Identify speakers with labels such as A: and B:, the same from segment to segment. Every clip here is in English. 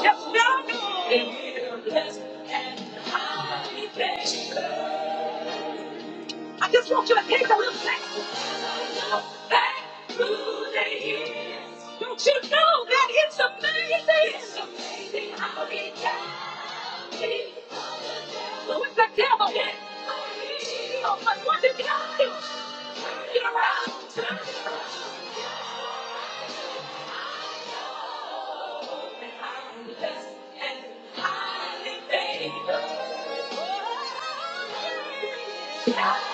A: I just want you to take a little second. Back through the years. Don't you know that it's amazing? It's amazing how he can be. Who is the devil? Oh, but what did God do? Turn it around, turn it around. And I'm Blessed and highly favored.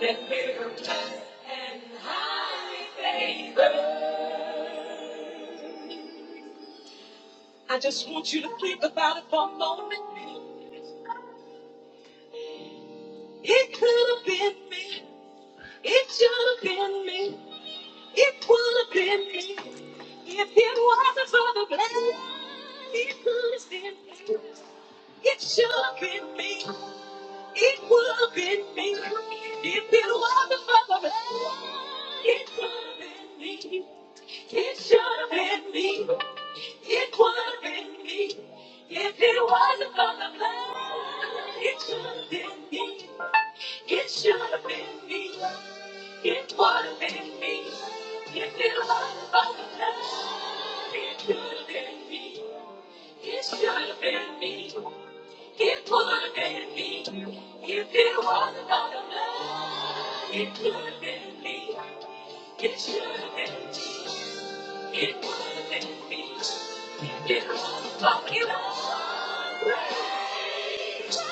A: that we were blessed and highly favored. I just want you to think about it for a moment. It could have been me. It should have been me. It would have been me. If it wasn't for the blood, it could have been me. It should have been me. It would have been me if it wasn't for the blood. It would have been me. It should have been me. It would have been me. If it wasn't for the blood, it should have been me. It should have been me. It would have been me. If it wasn't for the blood, it should have been me. It should have been me. It would have been me if it was not a man. It would have been me. It should have been me. It would have been me. If it was not a man. Grace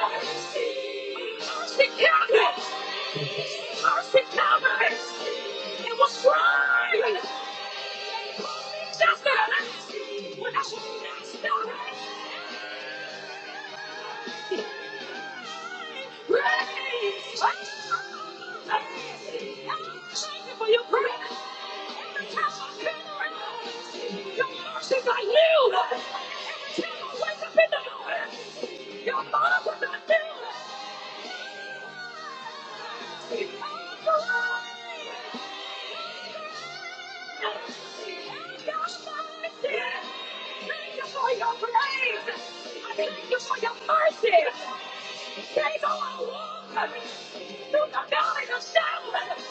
A: mercy. Mercy covered. Mercy covered. It was crying. Just that. When I should have away. Praise! Thank you for your praise. Every time I turn around, your mercies are new. Every time I wake up in the morning, your mercies are new. Oh, praise! Thank you for your praise. Thank you for your mercy. Take all our walk through the valley of shadow.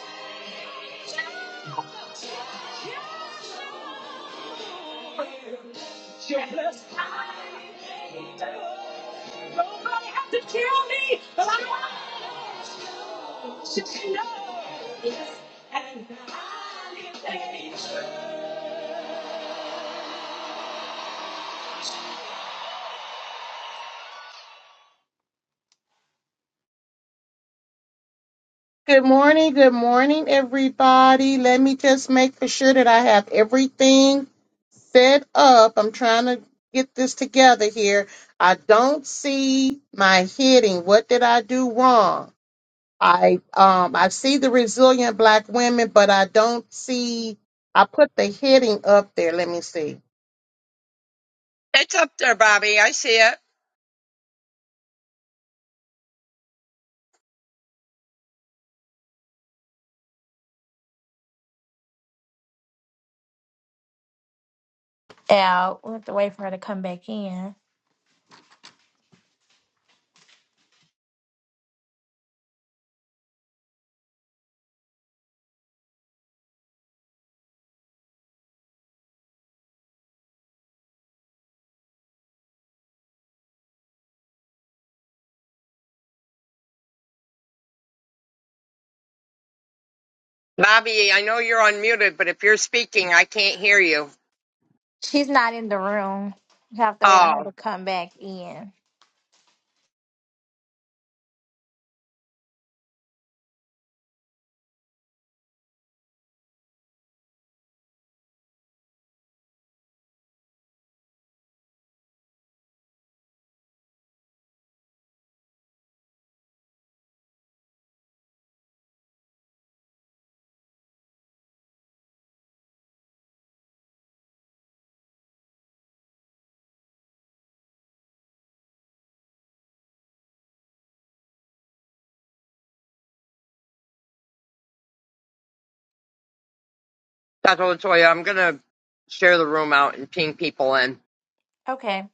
A: You're blessed. Nobody had to kill me, but I want you to know. And I thank you.
B: Good morning, good morning, everybody. Let me just make for sure that I have everything set up. I'm trying to get this together here. I don't see my heading. What did I do wrong? I um I see the resilient black women, but I don't see I put the heading up there. Let me see.
C: It's up there, Bobby. I see it.
A: Out. We have to wait for her to come back in.
C: Bobby, I know you're unmuted, but if you're speaking, I can't hear you.
A: She's not in the room. We have to wait on her
C: Oh,
A: to come back in.
C: that's what I'm Latoya. I'm gonna share the room out and ping people in.
A: Okay.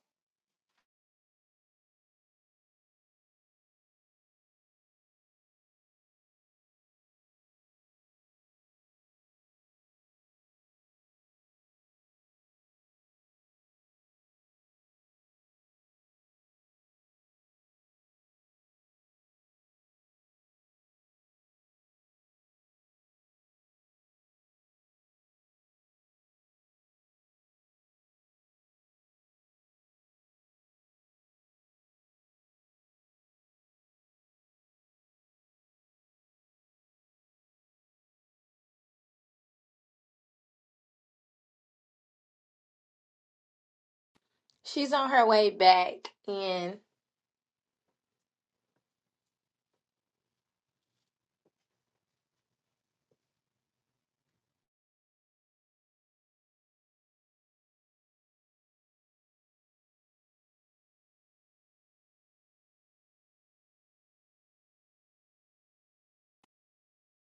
A: She's on her way back in.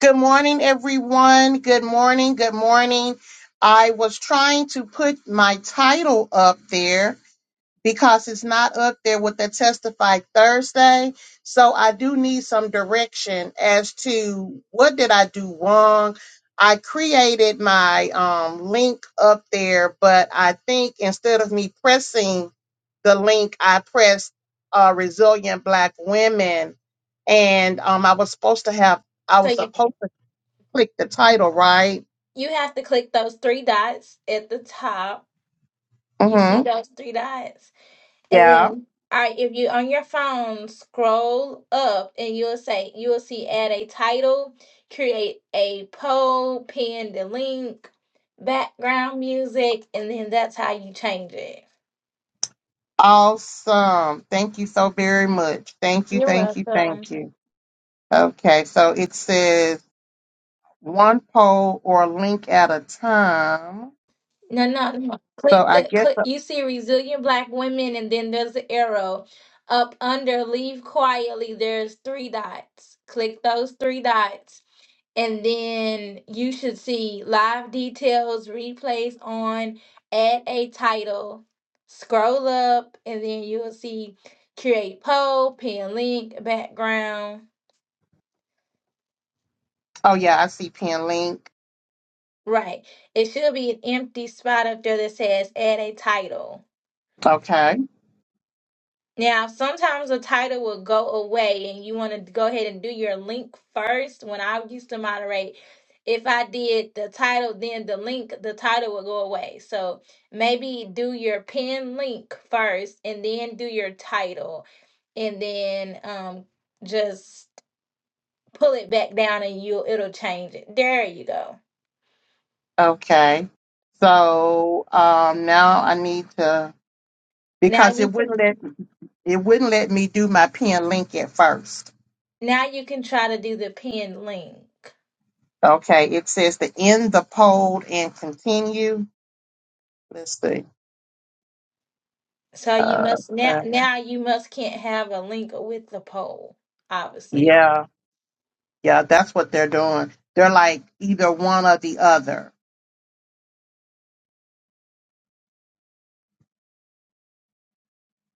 B: Good morning, everyone. Good morning. Good morning. I was trying to put my title up there because it's not up there with the testify Thursday. So I do need some direction as to what did I do wrong. I created my um, link up there, but I think instead of me pressing the link, I pressed uh, resilient black women, and um, I was supposed to have I
A: So
B: was
A: you
B: supposed to click the title right.
A: You have to click those three dots at the top. You see
B: Mm-hmm.
A: those three dots. And
B: Yeah.
A: then, all right, if you on your phone, scroll up and you'll say, you will see add a title, create a poll, pin the link, background music, and then that's how you change it.
B: Awesome. Thank you so very much. Thank you. Thank
A: You're
B: you.
A: welcome.
B: Thank you. Okay, so it says one poll or link at a time.
A: No, no, no.
B: So
A: Click
B: I
A: the
B: guess,
A: click. You see resilient black women, and then there's the arrow up under. Leave quietly. There's three dots. Click those three dots, and then you should see live details, replays on, add a title. Scroll up, and then you will see create poll, pin link, background.
B: oh yeah, I see pin link.
A: Right. It should be an empty spot up there that says add a title.
B: Okay,
A: Now, sometimes a title will go away and you want to go ahead and do your link first. When I used to moderate, if I did the title, then the link, the title would go away. So maybe do your pin link first and then do your title and then um, just pull it back down and you will it'll change it. There you go.
B: okay. So um, now I need to
A: Now
B: because
A: you
B: it wouldn't
A: can
B: let it wouldn't let me do my pin link at first.
A: now you can try to do the pin link.
B: Okay, it says to end the poll and continue. Let's see.
A: So you
B: Uh,
A: must now
B: okay.
A: now you must can't have a link with the poll, obviously. If,
B: yeah, yeah, that's what they're doing. They're like either one or the other.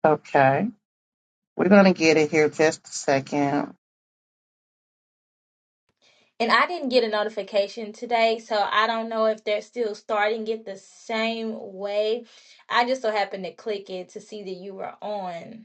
B: Okay. We're gonna get it here just a 2nd
A: and I didn't get a notification today, so I don't know if they're still starting it the same way. I just so happened to click it to see that you were on.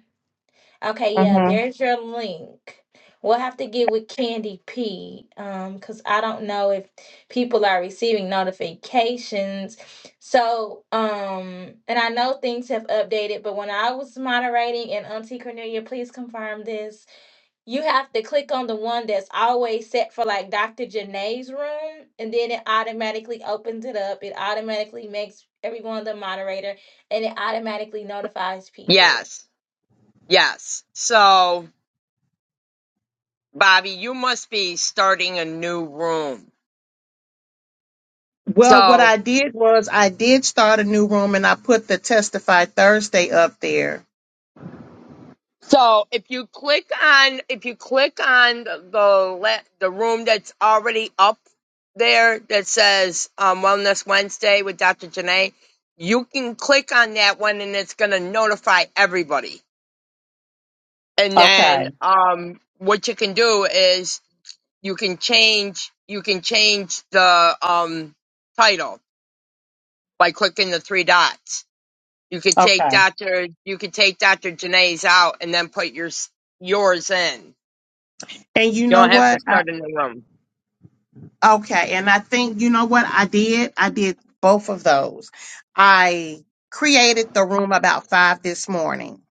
A: Okay, yeah,
B: Mm-hmm.
A: there's your link. We'll have to get with Candy P, um, because I don't know if people are receiving notifications. So, um, and I know things have updated, but when I was moderating, and Auntie Cornelia, please confirm this, you have to click on the one that's always set for like Dr. Janae's room, and then it automatically opens it up. It automatically makes everyone the moderator, and it automatically notifies people.
C: Yes, yes. So, Bobby, you must be starting a new room.
B: Well, what
C: So
B: I did was I did start a new room and I put the Testify Thursday up there.
C: So if you click on if you click on the the le- the room that's already up there that says um, Wellness Wednesday with Dr. Janae, you can click on that one and it's gonna notify everybody. And then
B: Okay.
C: um, what you can do is you can change you can change the um, title by clicking the three dots. You could take
B: Okay.
C: Dr. You could take Dr. Janae's out and then put your yours in
B: And you
C: You
B: know
C: don't have to
B: what? I,
C: start a new room.
B: okay. And I think you know what I did. I did both of those. I created the room about five this morning.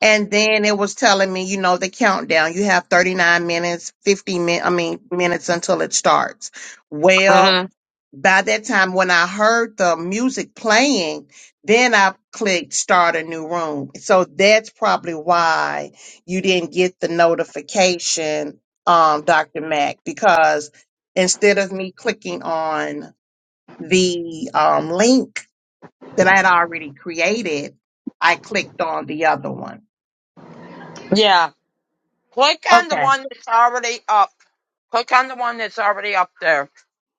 B: And then it was telling me, you know, the countdown. You have 39 minutes, 50 min I mean minutes until it starts. Well,
C: hmm
B: by that time when I heard the music playing, then I clicked start a new room. So that's probably why you didn't get the notification, um, Dr. Mac, because instead of me clicking on the um, link that I had already created, I clicked on the other one.
C: Yeah. Click on the
B: Okay.
C: one that's already up. Click on the one that's already up there,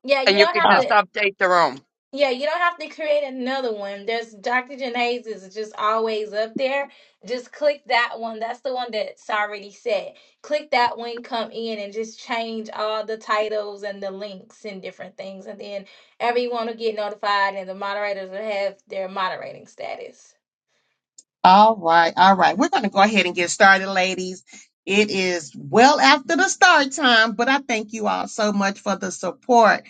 A: Yeah, you
C: and you
A: don't
C: can
A: have
C: just
A: to.
C: update the room.
A: Yeah, you don't have to create another one. There's Dr. Janae's is just always up there. Just click that one. That's the one that's already set. Click that one, come in, and just change all the titles and the links and different things. And then everyone will get notified, and the moderators will have their moderating status.
B: All right, all right. We're going to go ahead and get started, ladies. It is well after the start time, but I thank you all so much for the support.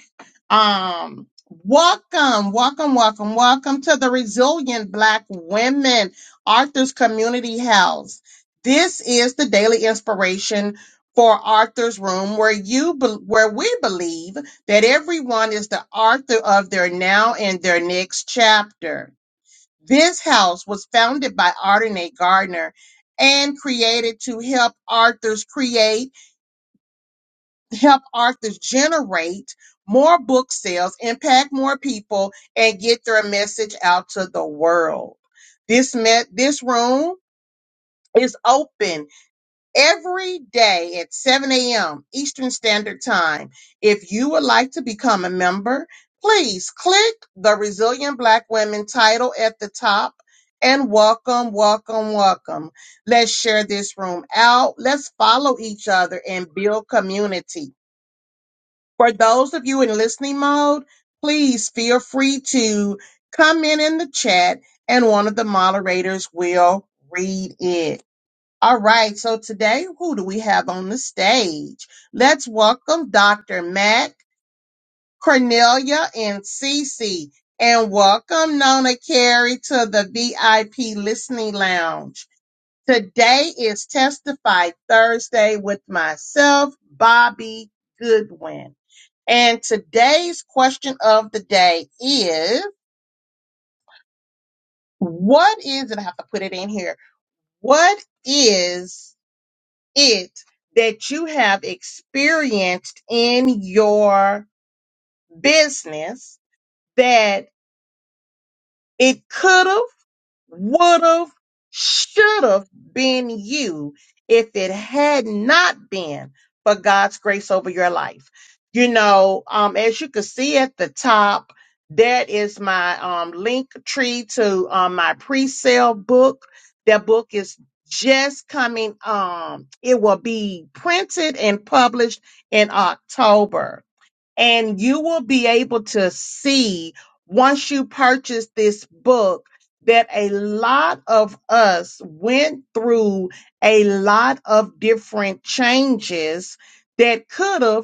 B: Um, welcome, welcome, welcome, welcome to the Resilient Black Women Arthur's Community House. This is the daily inspiration for Arthur's Room, where you be- where we believe that everyone is the author of their now and their next chapter. This house was founded by Ardenate Gardner and created to help authors create, help authors generate more book sales, impact more people, and get their message out to the world. This met this room is open every day at 7 a.m. Eastern Standard Time. If you would like to become a member, please click the Resilient Black Women title at the top and welcome, welcome, welcome. Let's share this room out. Let's follow each other and build community. For those of you in listening mode, please feel free to comment in the chat and one of the moderators will read it. All right, so today, who do we have on the stage? Let's welcome Dr. Mac, Cornelia, and Cece. And welcome Nona Carey to the VIP Listening Lounge. Today is Testify Thursday with myself, Bobby Goodwin. And today's question of the day is, what is, and I have to put it in here, what is it that you have experienced in your business that it could have would have, should have been you if it had not been for God's grace over your life. You know, um, as you can see at the top, that is my um, link tree to um, my pre-sale book. That book is just coming. Um, it will be printed and published in October and you will be able to see once you purchase this book that a lot of us went through a lot of different changes that could have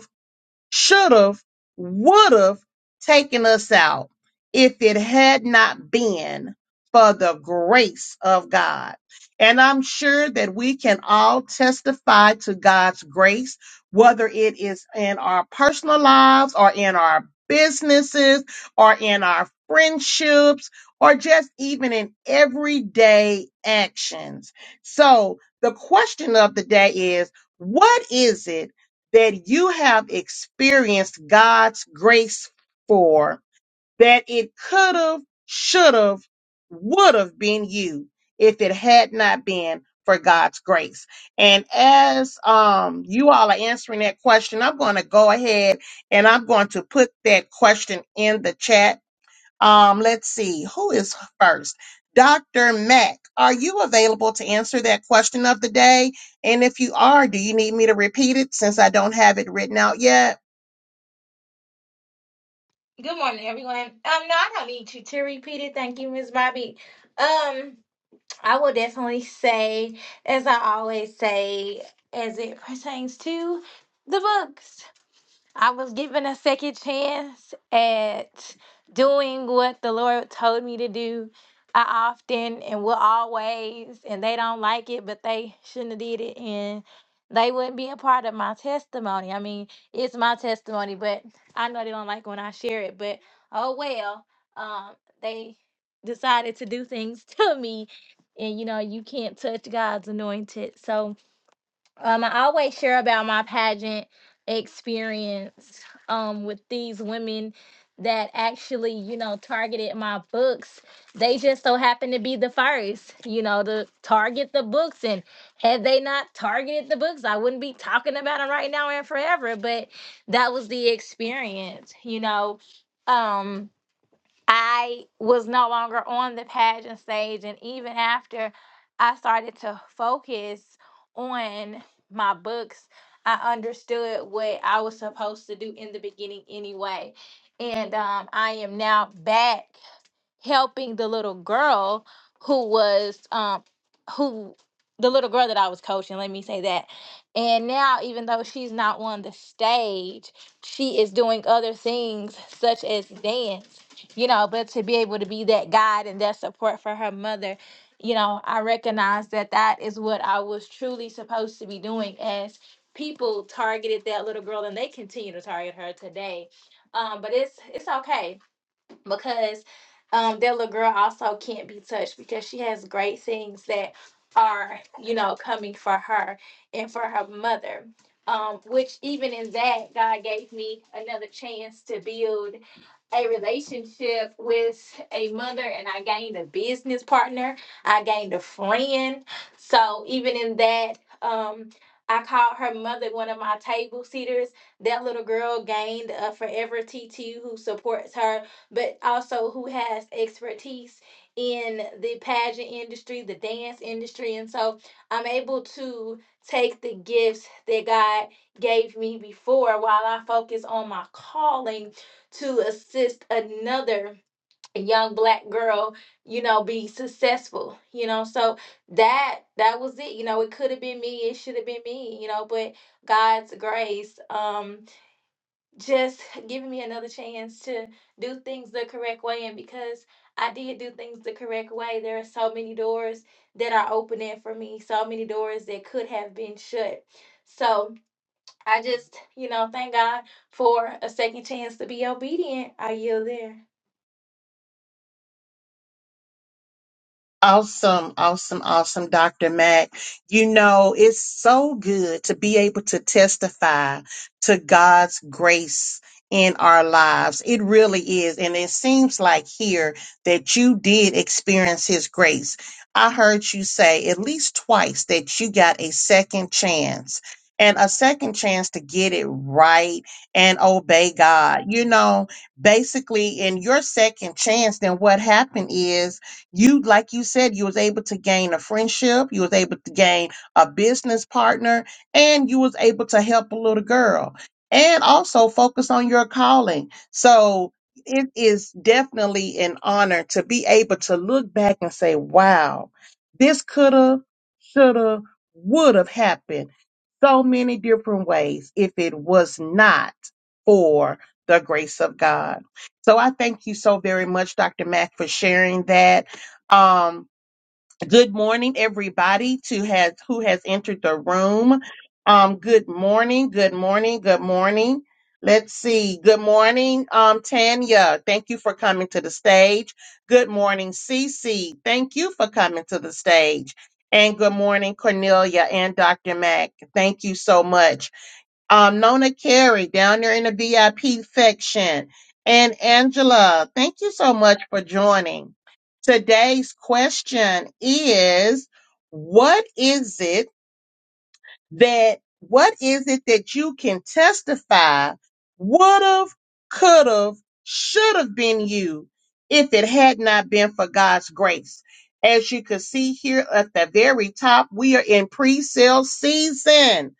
B: should have, would have taken us out if it had not been for the grace of God. And I'm sure that we can all testify to God's grace, whether it is in our personal lives or in our businesses or in our friendships or just even in everyday actions. So the question of the day is, what is it that you have experienced God's grace for that it could have, should have, would have been you if it had not been for God's grace. And as um, you all are answering that question, I'm going to go ahead and I'm going to put that question in the chat um, let's see, who is first? Dr. Mack, are you available to answer that question of the day? And if you are, do you need me to repeat it since I don't have it written out yet?
A: Good morning, everyone. Um, no, I don't need you to repeat it. Thank you, Miss Bobby. Um, I will definitely say, as I always say, as it pertains to the books. I was given a second chance at doing what the Lord told me to do. I often and will always, and they don't like it, but they shouldn't have did it, and they wouldn't be a part of my testimony. I mean, it's my testimony, but I know they don't like when I share it. But oh well, um, they decided to do things to me, and you know you can't touch God's anointed. So um, I always share about my pageant experience um, with these women that actually, you know, targeted my books. They just so happened to be the first, you know, to target the books. And had they not targeted the books, I wouldn't be talking about them right now and forever. But that was the experience, you know. Um, I was no longer on the pageant stage. And even after I started to focus on my books, I understood what I was supposed to do in the beginning anyway. And um, I am now back helping the little girl who was um who the little girl that I was coaching, let me say that. And now even though she's not on the stage, she is doing other things such as dance, you know, but to be able to be that guide and that support for her mother, you know, I recognize that that is what I was truly supposed to be doing as people targeted that little girl and they continue to target her today. Um, but it's it's okay because um, that little girl also can't be touched because she has great things that are, you know, coming for her and for her mother. Um, which even in that, God gave me another chance to build a relationship with a mother and I gained a business partner. I gained a friend. So even in that, um, I called her mother one of my table sitters. That little girl gained a forever T TT who supports her but also who has expertise in the pageant industry, the dance industry. And so I'm able to take the gifts that God gave me before while I focus on my calling to assist another young black girl, you know, be successful, you know. So that that was it. You know, it could have been me, it should have been me, you know, but God's grace. Um just giving me another chance to do things the correct way. And because I did do things the correct way, there are so many doors that are opening for me, so many doors that could have been shut. So I just, you know, thank God for a second chance to be obedient. I yield there.
B: Awesome, awesome, awesome, Dr. Mack. You know, it's so good to be able to testify to God's grace in our lives. It really is. And it seems like here that you did experience His grace. I heard you say at least twice that you got a second chance and a second chance to get it right and obey God. You know, basically, in your second chance, then what happened is you like you said you was able to gain a friendship you was able to gain a business partner and you was able to help a little girl and also focus on your calling so it is definitely an honor to be able to look back and say wow this could have should have would have happened so many different ways if it was not for the grace of god so i thank you so very much dr mack for sharing that um, good morning, everybody to has who has entered the room. Um, good morning, good morning, good morning. Let's see. Good morning, um, Tanya. Thank you for coming to the stage. Good morning, Cece. Thank you for coming to the stage. And good morning, Cornelia and Dr. Mack. Thank you so much um, Nona Carey down there in the VIP section, and Angela. Thank you so much for joining. Today's question is What is it? that what is it that you can testify would have, could have, should have been you if it had not been for God's grace. As you can see here at the very top, we are in pre sale season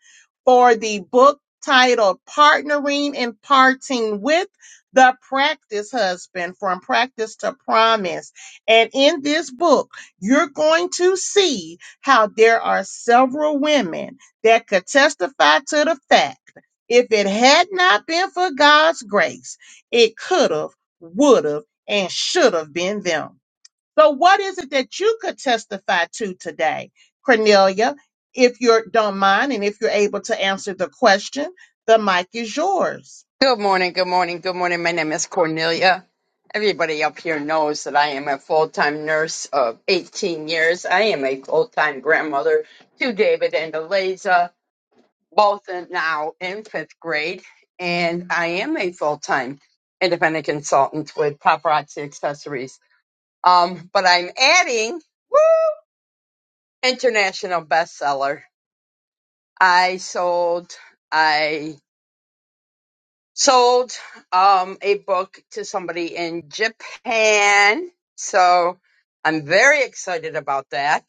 B: for the book titled Partnering and Parting with the Practice Husband from Practice to Promise. And in this book, you're going to see how there are several women that could testify to the fact if it had not been for God's grace, it could have, would have, and should have been them. So, what is it that you could testify to today, Cornelia? If you don't mind and if you're able to answer the question, the mic is yours.
C: Good morning, good morning, good morning. My name is Cornelia. Everybody up here knows that I am a full time nurse of 18 years. I am a full time grandmother to David and Eliza, both are now in fifth grade. And I am a full time independent consultant with Paparazzi Accessories Um, but I'm adding international bestseller. I sold I sold um a book to somebody in Japan. So I'm very excited about that.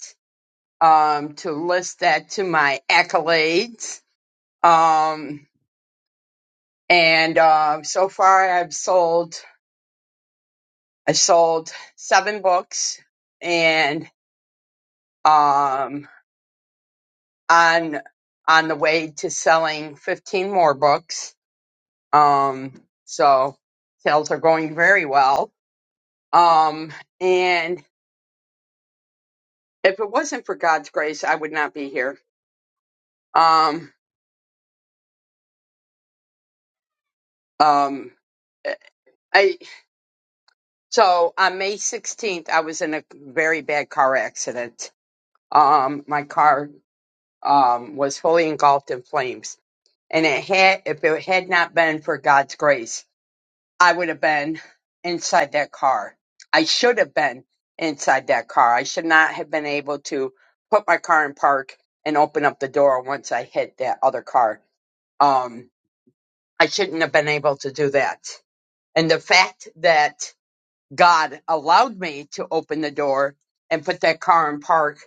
C: Um to list that to my accolades. Um and um so far I've sold I sold seven books and um on on the way to selling 15 more books. Um, so sales are going very well. Um, and if it wasn't for God's grace, I would not be here. Um, um, I so on May 16th, I was in a very bad car accident. Um, my car um was fully engulfed in flames, and it had if it had not been for God's grace. I would have been inside that car. I should have been inside that car. I should not have been able to put my car in park and open up the door once I hit that other car. Um, I shouldn't have been able to do that. And the fact that God allowed me to open the door and put that car in park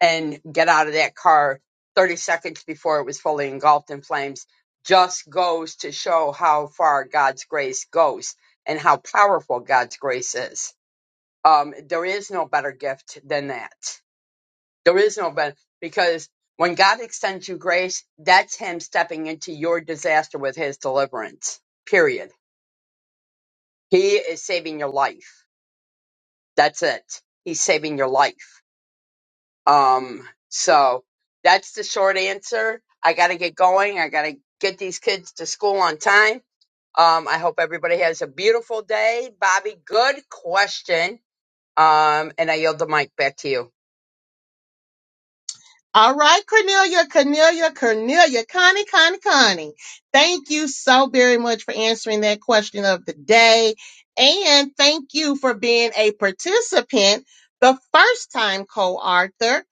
C: and get out of that car 30 seconds before it was fully engulfed in flames just goes to show how far God's grace goes and how powerful God's grace is. Um, there is no better gift than that. There is no better because when God extends you grace, that's Him stepping into your disaster with His deliverance. Period. He is saving your life that's it. He's saving your life. Um, so that's the short answer. I got to get going. I got to get these kids to school on time. Um, I hope everybody has a beautiful day. Bobby, good question. Um, and I yield the mic back to you.
B: All right, Cornelia, Cornelia, Cornelia, Connie, Connie, Connie. Thank you so very much for answering that question of the day. And thank you for being a participant, the first time co author,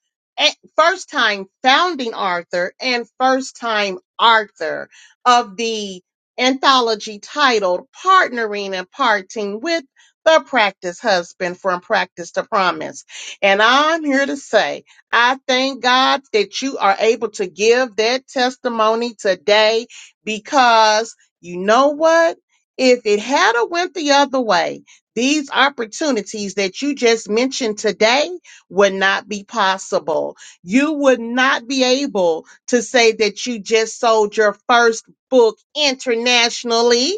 B: first time founding author, and first time author of the anthology titled Partnering and Parting with the Practice Husband from Practice to Promise. And I'm here to say, I thank God that you are able to give that testimony today because you know what? If it had a went the other way, these opportunities that you just mentioned today would not be possible. You would not be able to say that you just sold your first book internationally.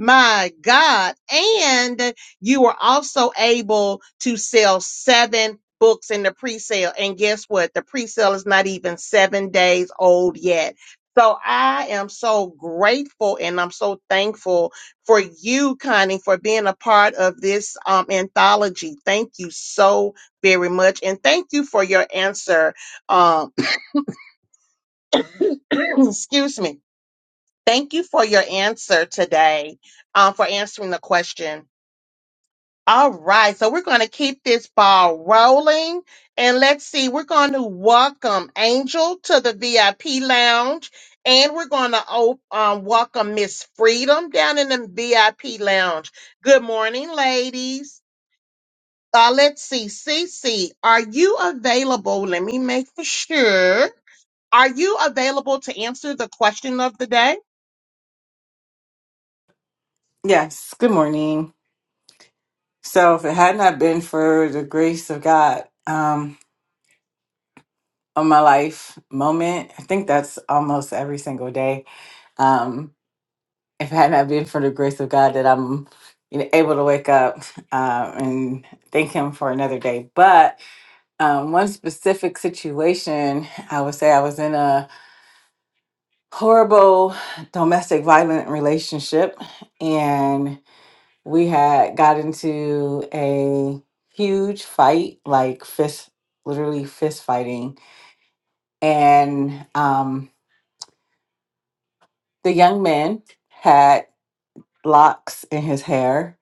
B: My God. And you were also able to sell seven books in the pre-sale. And guess what? The pre-sale is not even seven days old yet. So I am so grateful and I'm so thankful for you, Connie, for being a part of this um, anthology. Thank you so very much. And thank you for your answer. Um, excuse me. Thank you for your answer today, um, for answering the question. All right, so we're going to keep this ball rolling. And let's see, we're going to welcome Angel to the VIP lounge. And we're going to op- um, welcome Miss Freedom down in the VIP lounge. Good morning, ladies. Uh, let's see, Cece, are you available? Let me make for sure. Are you available to answer the question of the day?
D: Yes, good morning. So, if it had not been for the grace of God um, on my life moment, I think that's almost every single day. Um, if it had not been for the grace of God that I'm you know, able to wake up um, and thank Him for another day. But um, one specific situation, I would say I was in a horrible domestic violent relationship. we had got into a huge fight, like fist, literally fist fighting. And um, the young man had locks in his hair,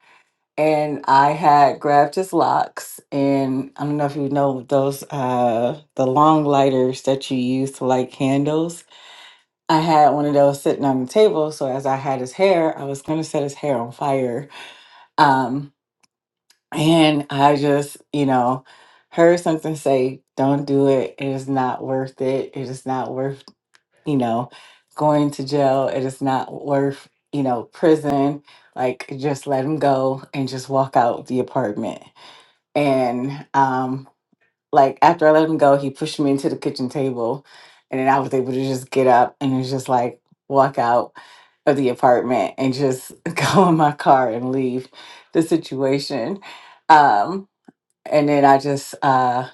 D: and I had grabbed his locks. And I don't know if you know those, uh, the long lighters that you use to light candles. I had one of those sitting on the table. So as I had his hair, I was going to set his hair on fire. Um, And I just, you know, heard something say, don't do it. It is not worth it. It is not worth, you know, going to jail. It is not worth, you know, prison. Like, just let him go and just walk out the apartment. And, um, like, after I let him go, he pushed me into the kitchen table. And then I was able to just get up and it's just like walk out of the apartment and just go in my car and leave the situation. Um, and then I just uh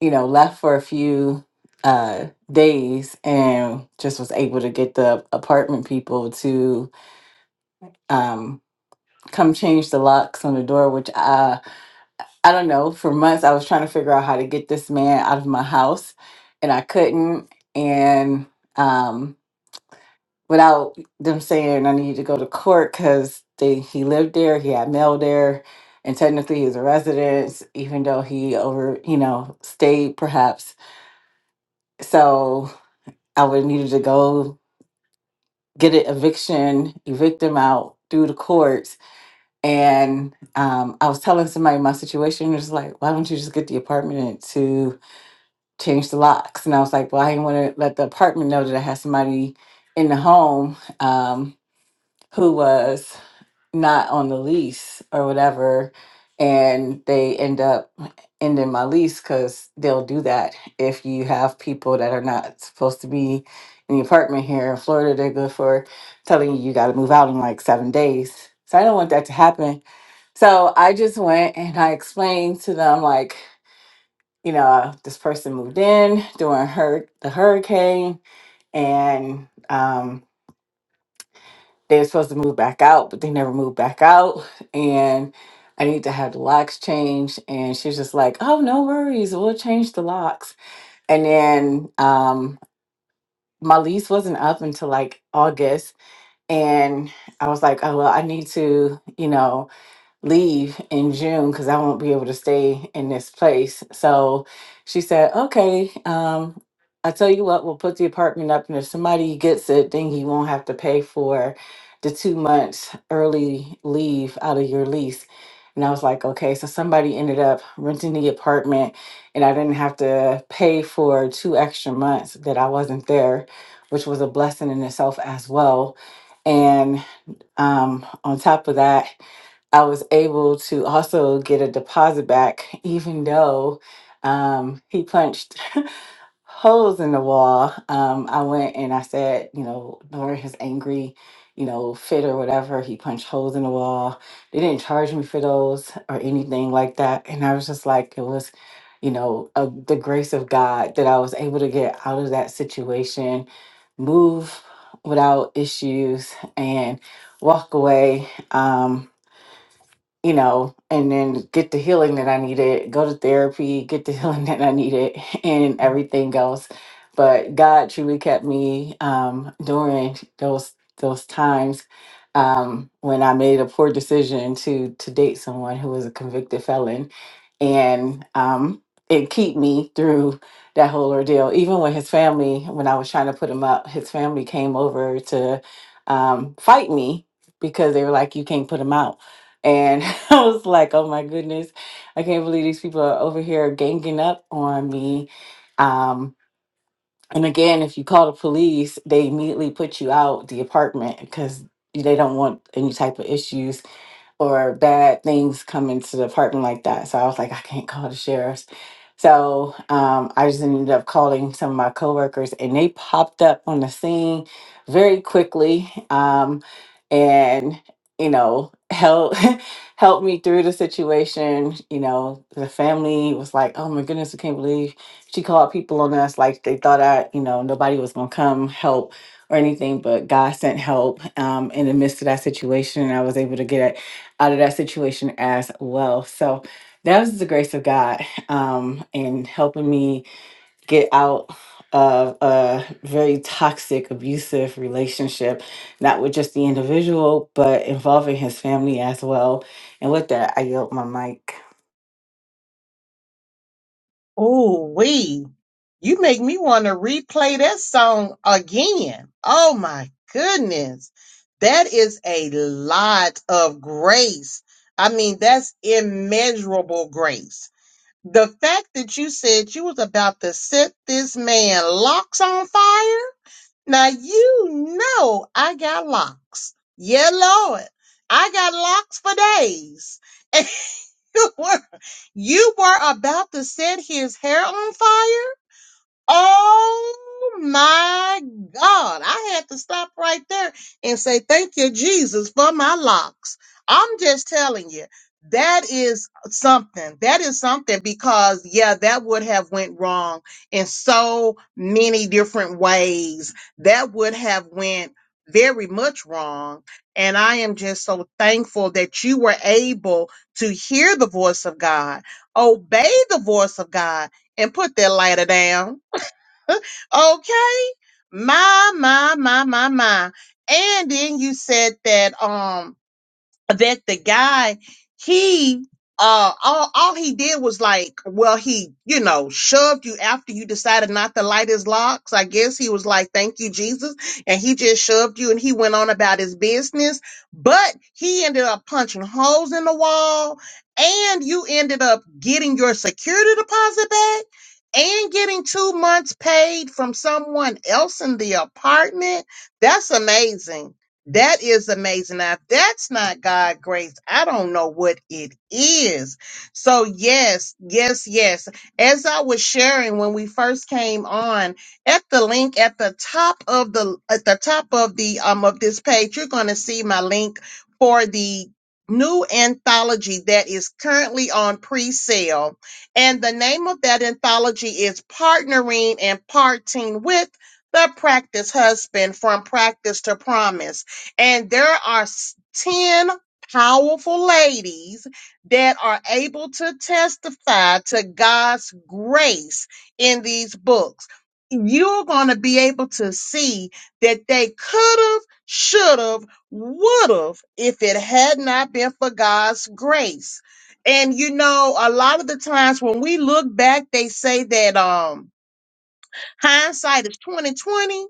D: you know left for a few uh days and just was able to get the apartment people to um come change the locks on the door which I, I don't know for months I was trying to figure out how to get this man out of my house and I couldn't and um without them saying I needed to go to court cuz they he lived there he had mail there and technically he's a resident even though he over you know stayed perhaps So I would needed to go get an eviction, evict them out through the courts. And um, I was telling somebody my situation. It was like, why don't you just get the apartment to change the locks? And I was like, well, I didn't want to let the apartment know that I had somebody in the home um, who was not on the lease or whatever and they end up ending my lease because they'll do that if you have people that are not supposed to be in the apartment here in florida they're good for telling you you got to move out in like seven days so i don't want that to happen so i just went and i explained to them like you know this person moved in during her the hurricane and um they were supposed to move back out, but they never moved back out. And I need to have the locks changed. And she's just like, oh, no worries. We'll change the locks. And then um, my lease wasn't up until like August. And I was like, oh, well, I need to, you know, leave in June because I won't be able to stay in this place. So she said, okay, um, I tell you what, we'll put the apartment up, and if somebody gets it, then you won't have to pay for the two months early leave out of your lease. And I was like, okay, so somebody ended up renting the apartment, and I didn't have to pay for two extra months that I wasn't there, which was a blessing in itself as well. And um, on top of that, I was able to also get a deposit back, even though um, he punched holes in the wall. Um, I went and I said, you know, during his angry, you know, fit or whatever, he punched holes in the wall. They didn't charge me for those or anything like that. And I was just like, it was, you know, uh, the grace of God that I was able to get out of that situation, move without issues, and walk away. Um, you know, and then get the healing that I needed, go to therapy, get the healing that I needed, and everything else. But God truly kept me um, during those those times um, when I made a poor decision to to date someone who was a convicted felon, and um, it keep me through that whole ordeal. Even when his family, when I was trying to put him up, his family came over to um, fight me because they were like, "You can't put him out." And I was like, oh my goodness, I can't believe these people are over here ganging up on me. Um, and again, if you call the police, they immediately put you out the apartment because they don't want any type of issues or bad things come into the apartment like that. So I was like, I can't call the sheriffs. So um, I just ended up calling some of my coworkers, and they popped up on the scene very quickly, um, and you know, help helped me through the situation. You know, the family was like, "Oh my goodness, we can't believe she called people on us." Like they thought I, you know, nobody was gonna come help or anything, but God sent help um, in the midst of that situation, and I was able to get out of that situation as well. So that was the grace of God um, in helping me get out of a very toxic, abusive relationship, not with just the individual, but involving his family as well. And with that, I yield my mic.
B: Oh we, You make me want to replay that song again. Oh my goodness. That is a lot of grace. I mean, that's immeasurable grace. The fact that you said you was about to set this man locks on fire. Now you know I got locks. Yeah, Lord. I got locks for days. You were, you were about to set his hair on fire? Oh my God. I had to stop right there and say, Thank you, Jesus, for my locks. I'm just telling you, that is something. That is something because yeah, that would have went wrong in so many different ways. That would have went very much wrong. And I am just so thankful that you were able to hear the voice of God, obey the voice of God, and put that lighter down Okay. My, my, my, my, my. And then you said that um that the guy he uh all, all he did was like well he you know shoved you after you decided not to light his locks i guess he was like thank you jesus and he just shoved you and he went on about his business but he ended up punching holes in the wall and you ended up getting your security deposit back and getting two months paid from someone else in the apartment that's amazing that is amazing. Now, if that's not God grace, I don't know what it is. So, yes, yes, yes. As I was sharing when we first came on, at the link at the top of the at the top of the um of this page, you're going to see my link for the new anthology that is currently on pre-sale. And the name of that anthology is Partnering and Parting with the Practice Husband from Practice to Promise. And there are s- 10 powerful ladies that are able to testify to God's grace in these books. You're going to be able to see that they could have, should have, would have if it had not been for God's grace. And you know, a lot of the times when we look back, they say that, um, Hindsight is 2020,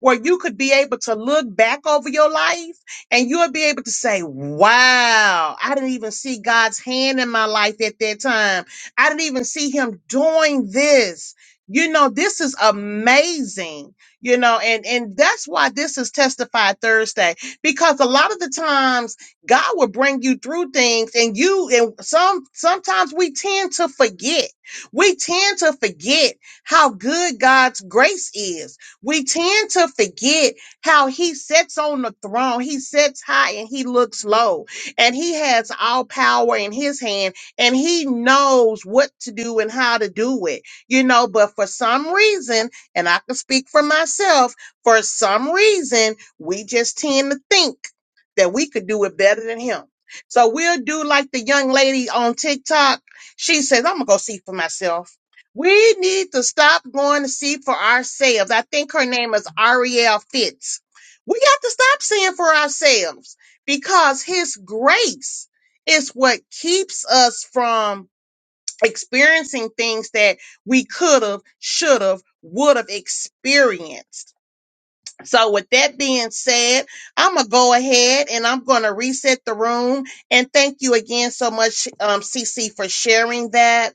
B: where you could be able to look back over your life and you'll be able to say, Wow, I didn't even see God's hand in my life at that time. I didn't even see him doing this. You know, this is amazing, you know, and, and that's why this is Testified Thursday, because a lot of the times God will bring you through things and you and some sometimes we tend to forget. We tend to forget how good God's grace is. We tend to forget how he sits on the throne. He sits high and he looks low, and he has all power in his hand, and he knows what to do and how to do it. You know, but for some reason, and I can speak for myself, for some reason, we just tend to think that we could do it better than him. So we'll do like the young lady on TikTok. She says, I'm going to go see for myself. We need to stop going to see for ourselves. I think her name is Arielle Fitz. We got to stop seeing for ourselves because His grace is what keeps us from experiencing things that we could have, should have, would have experienced. So, with that being said, I'm going to go ahead and I'm going to reset the room. And thank you again so much, um, CC, for sharing that.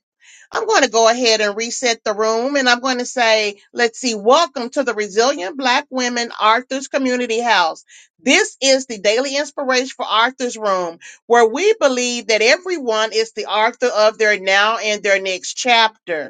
B: I'm going to go ahead and reset the room and I'm going to say, let's see, welcome to the Resilient Black Women Arthur's Community House. This is the daily inspiration for Arthur's Room, where we believe that everyone is the author of their now and their next chapter.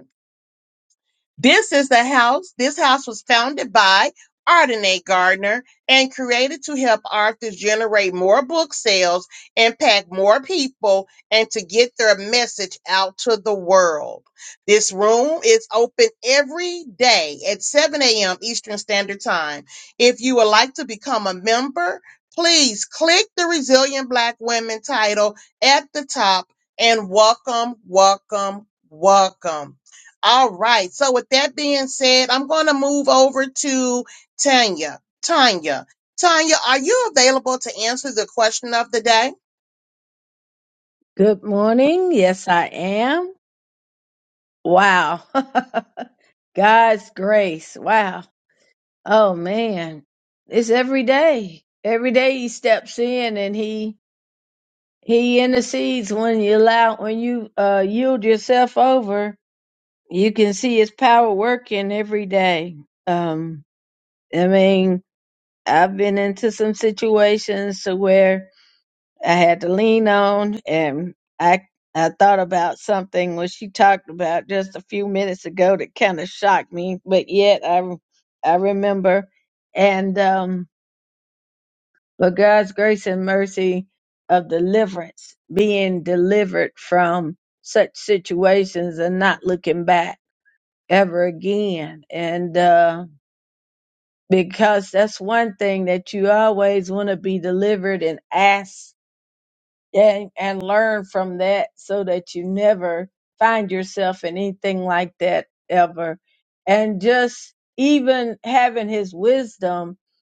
B: This is the house. This house was founded by Ardenae Gardner and created to help authors generate more book sales, impact more people, and to get their message out to the world. This room is open every day at 7 a.m. Eastern Standard Time. If you would like to become a member, please click the Resilient Black Women title at the top and welcome, welcome, welcome. All right. So with that being said, I'm going to move over to Tanya. Tanya, Tanya, are you available to answer the question of the day?
E: Good morning. Yes, I am. Wow. God's grace. Wow. Oh man. It's every day. Every day he steps in and he he intercedes when you allow when you uh yield yourself over. You can see his power working every day. Um I mean, I've been into some situations to where I had to lean on and I I thought about something what she talked about just a few minutes ago that kind of shocked me, but yet I I remember and um but God's grace and mercy of deliverance, being delivered from such situations and not looking back ever again. And uh because that's one thing that you always want to be delivered and ask and, and learn from that so that you never find yourself in anything like that ever. And just even having his wisdom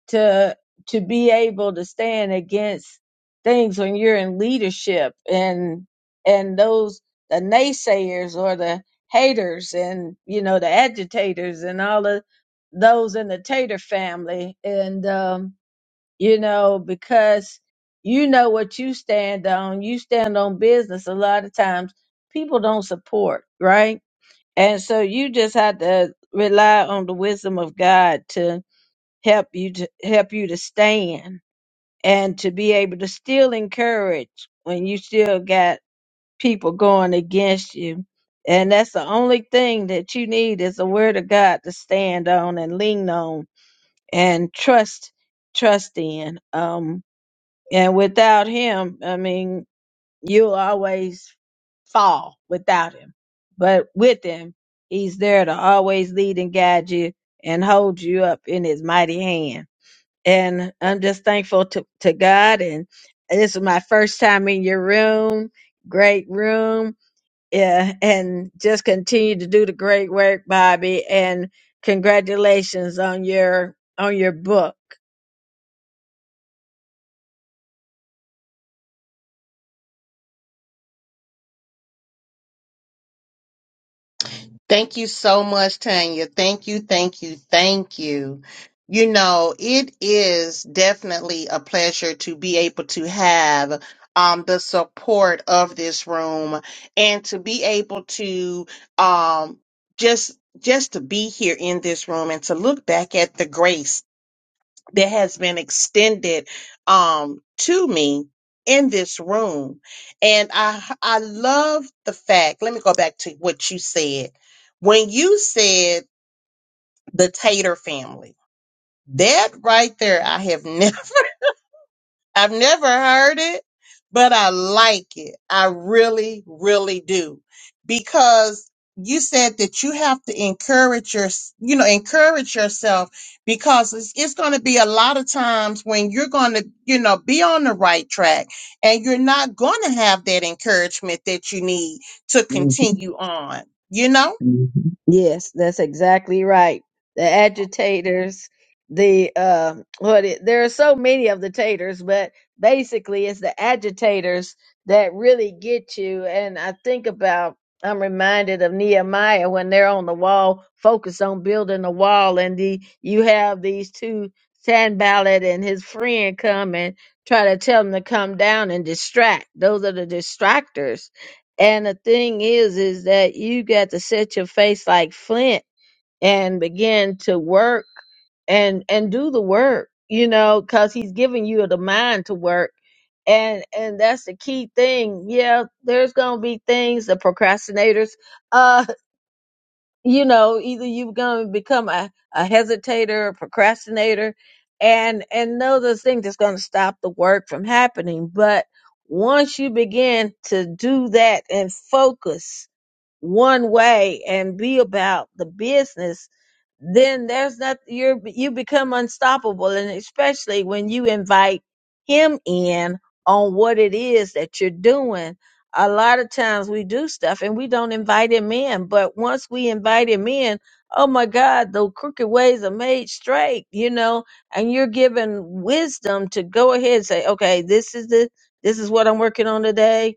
E: to to be able to stand against things when you're in leadership and and those the naysayers or the haters and you know the agitators and all of those in the tater family and um you know, because you know what you stand on. You stand on business. A lot of times people don't support, right? And so you just have to rely on the wisdom of God to help you to help you to stand and to be able to still encourage when you still got people going against you. And that's the only thing that you need is the word of God to stand on and lean on and trust trust in. Um and without him, I mean, you'll always fall without him. But with him, he's there to always lead and guide you and hold you up in his mighty hand. And I'm just thankful to, to God. And this is my first time in your room, great room. Yeah. And just continue to do the great work, Bobby. And congratulations on your, on your book.
B: Thank you so much, Tanya. Thank you, thank you, thank you. You know, it is definitely a pleasure to be able to have um, the support of this room and to be able to um, just just to be here in this room and to look back at the grace that has been extended um, to me in this room. And I I love the fact, let me go back to what you said. When you said the Tater family, that right there, I have never I've never heard it, but I like it. I really, really do. Because you said that you have to encourage your, you know, encourage yourself because it's, it's going to be a lot of times when you're going to, you know, be on the right track and you're not going to have that encouragement that you need to continue on, you know?
E: Mhm. Yes, that's exactly right. The agitators, the uh, what? It, there are so many of the taters, but basically, it's the agitators that really get you. And I think about, I'm reminded of Nehemiah when they're on the wall, focused on building the wall, and the you have these two, Sanballat and his friend, come and try to tell them to come down and distract. Those are the distractors and the thing is, is that you got to set your face like flint and begin to work and and do the work, you know, because he's giving you the mind to work. And and that's the key thing. Yeah, there's gonna be things the procrastinators. uh, you know either you're going to become a, a hesitator a procrastinator and and know those things that's going to stop the work from happening but once you begin to do that and focus one way and be about the business then there's not you're you become unstoppable and especially when you invite him in on what it is that you're doing a lot of times we do stuff and we don't invite him in but once we invite him in oh my god the crooked ways are made straight you know and you're given wisdom to go ahead and say okay this is the this is what i'm working on today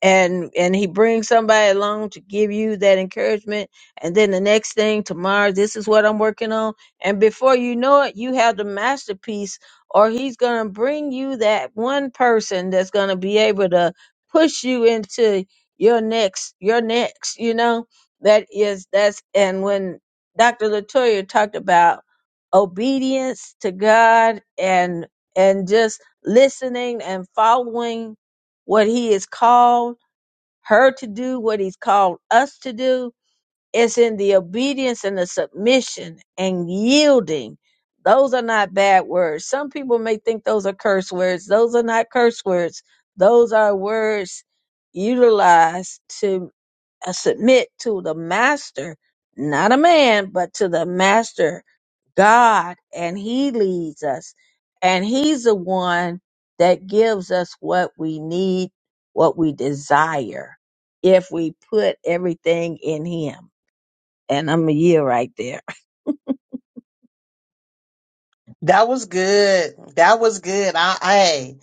E: and and he brings somebody along to give you that encouragement and then the next thing tomorrow this is what i'm working on and before you know it you have the masterpiece or he's going to bring you that one person that's going to be able to push you into your next your next you know that is that's and when dr latoya talked about obedience to god and and just listening and following what he is called her to do what he's called us to do. It's in the obedience and the submission and yielding. Those are not bad words. Some people may think those are curse words. Those are not curse words. Those are words utilized to I submit to the master, not a man, but to the master God, and he leads us. And he's the one that gives us what we need, what we desire, if we put everything in him. And I'm a year right there.
B: That was good. That was good. I I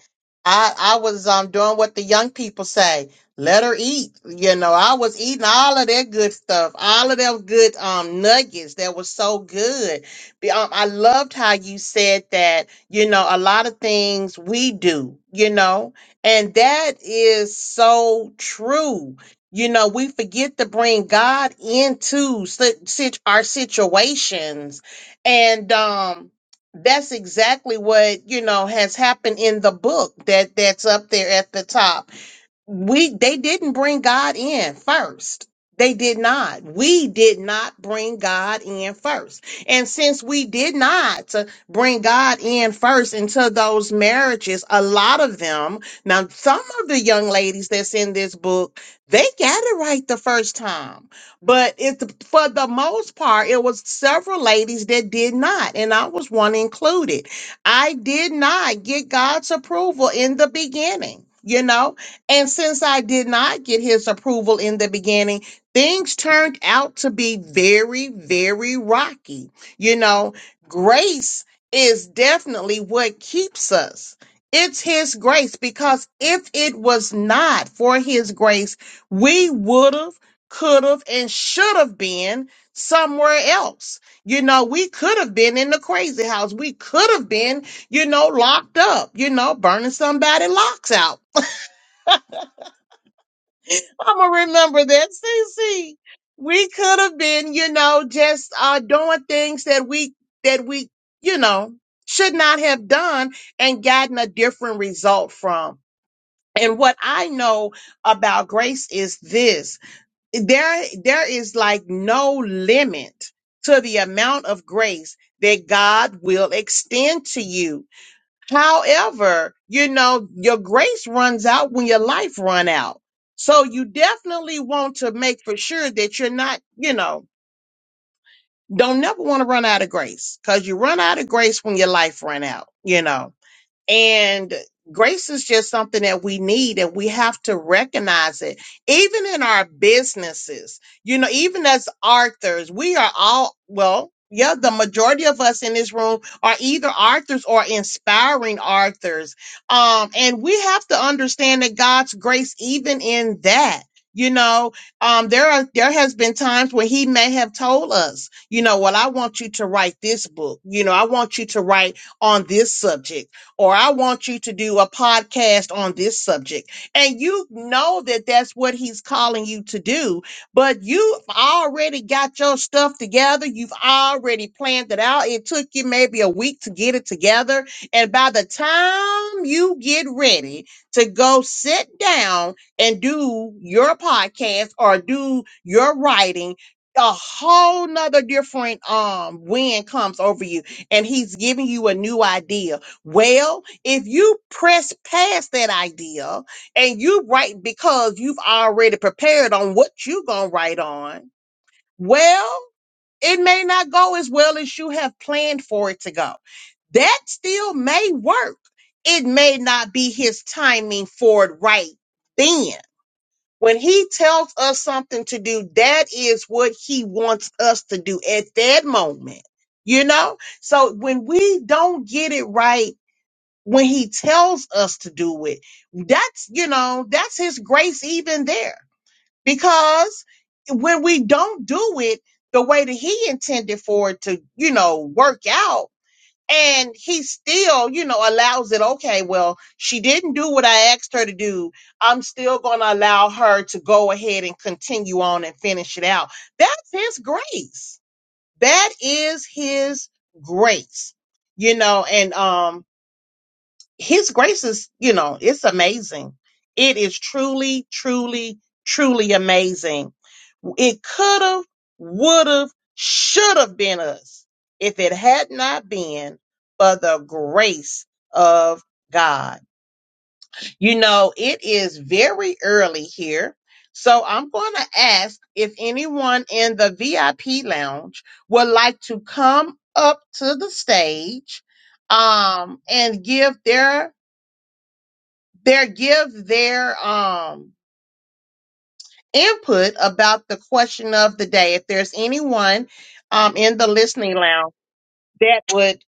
B: I, I was um doing what the young people say. Let her eat. You know, I was eating all of that good stuff, all of them good um nuggets that was so good. Be- Um, I loved how you said that, you know, a lot of things we do, you know, and that is so true. You know, we forget to bring God into sit, sit, our situations. And um that's exactly what you know has happened in the book that that's up there at the top we they didn't bring God in first. They did not. We did not bring God in first. And since we did not bring God in first into those marriages, a lot of them, now some of the young ladies that's in this book, they got it right the first time. But it for the most part, it was several ladies that did not, and I was one included. I did not get God's approval in the beginning. You know, and since I did not get his approval in the beginning, things turned out to be very, very rocky. You know, grace is definitely what keeps us. It's his grace because if it was not for his grace, we would have, could have, and should have been somewhere else. You know, we could have been in the crazy house. We could have been, you know, locked up, you know, burning somebody locks out I'ma remember that. Cece. we could have been, you know, just uh doing things that we that we, you know, should not have done and gotten a different result from. And what I know about grace is this. There there is like no limit to the amount of grace that God will extend to you. However, you know, your grace runs out when your life run out. So you definitely want to make for sure that you're not, you know, don't never want to run out of grace because you run out of grace when your life run out, you know. And grace is just something that we need and we have to recognize it. Even in our businesses, you know, even as authors, we are all, well, yeah, the majority of us in this room are either authors or inspiring authors. Um, and we have to understand that God's grace, even in that, you know, um, there are there has been times when He may have told us, you know, well, I want you to write this book, you know, I want you to write on this subject or I want you to do a podcast on this subject. And you know that that's what he's calling you to do, but you've already got your stuff together. You've already planned it out. It took you maybe a week to get it together. And by the time you get ready to go sit down and do your podcast or do your writing, a whole nother different um wind comes over you and he's giving you a new idea well, if you press past that idea and you write because you've already prepared on what you're going to write on, well, it may not go as well as you have planned for it to go. That still may work. It may not be his timing for it right then. When he tells us something to do, that is what he wants us to do at that moment. You know? So when we don't get it right when he tells us to do it. That's, you know, that's his grace even there. Because when we don't do it the way that he intended for it to, you know, work out, and he still, you know, allows it, okay, well, she didn't do what I asked her to do. I'm still going to allow her to go ahead and continue on and finish it out. That's his grace. That is his grace, you know, and, um, his grace is, you know, it's amazing. It is truly, truly, truly amazing. It could have, would have, should have been us if it had not been for the grace of God. You know, it is very early here. So I'm going to ask if anyone in the VIP lounge would like to come up to the stage um, and give their their give their um input about the question of the day. If there's anyone um in the listening lounge that would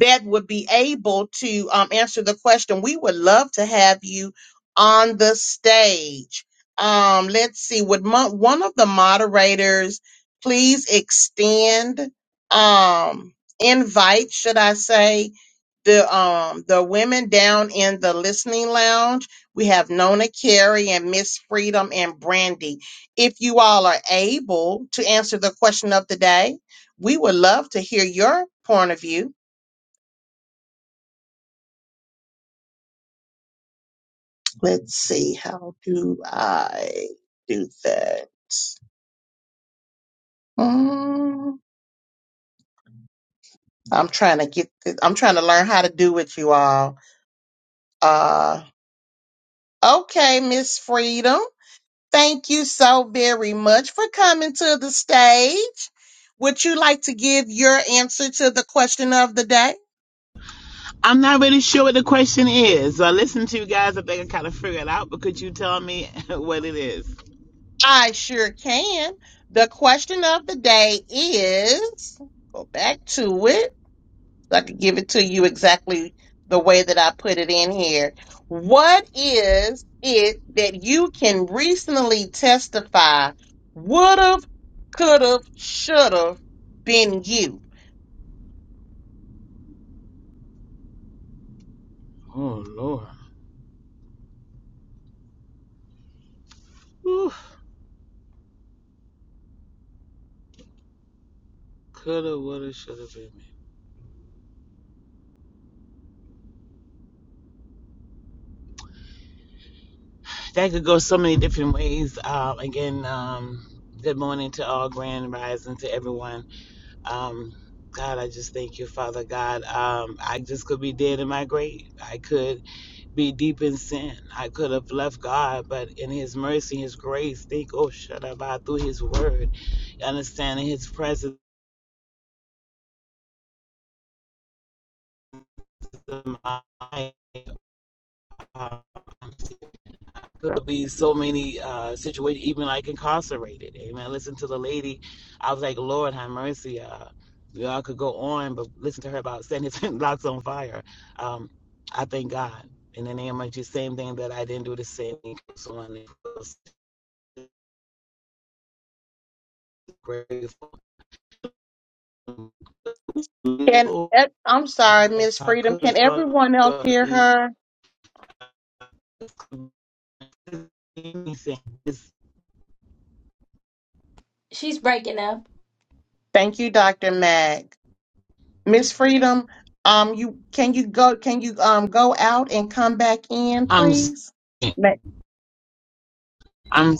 B: that would be able to um answer the question, we would love to have you on the stage. Um, let's see, would mo- one of the moderators please extend um invite, should I say, the um the women down in the listening lounge. We have Nona Carey and Miss Freedom and Brandy. If you all are able to answer the question of the day, we would love to hear your point of view. Let's see, how do I do that? Mm, I'm trying to get this, I'm trying to learn how to do it, you all. Uh okay, Miss Freedom. Thank you so very much for coming to the stage. Would you like to give your answer to the question of the day?
F: I'm not really sure what the question is. So I listened to you guys. I think I kind of figured it out, but could you tell me what it is?
B: I sure can. The question of the day is go back to it so I can give it to you exactly the way that I put it in here. What is it that you can recently testify would have, could have, should have been you?
F: Oh, Lord. Whew. Coulda, woulda, shoulda been. That could go so many different ways. Um, again, um, good morning to all, grand rising to everyone. Um, God, I just thank you, Father God. Um, I just could be dead in my grave. I could. be deep in sin. I could have left God, but in His mercy, His grace, think, oh, shut up, I through His word, understanding His presence in my life. uh, Could be so many uh, situations, even like incarcerated. Amen. Listen to the lady. I was like, Lord, have mercy. Uh, y'all could go on, but listen to her about setting his blocks on fire. Um, I thank God. In the name of the same thing that I didn't do the same. thing. So I'm grateful
B: Can
F: oh
B: eh, I'm sorry,
F: my
B: Miss
F: God,
B: Freedom. Can everyone else hear her?
F: anything.
A: She's breaking up.
B: Thank you, Dr. Mag. Miss Freedom, um, you can you go can you um go out and come back in,
F: I'm
B: please?
F: i I'm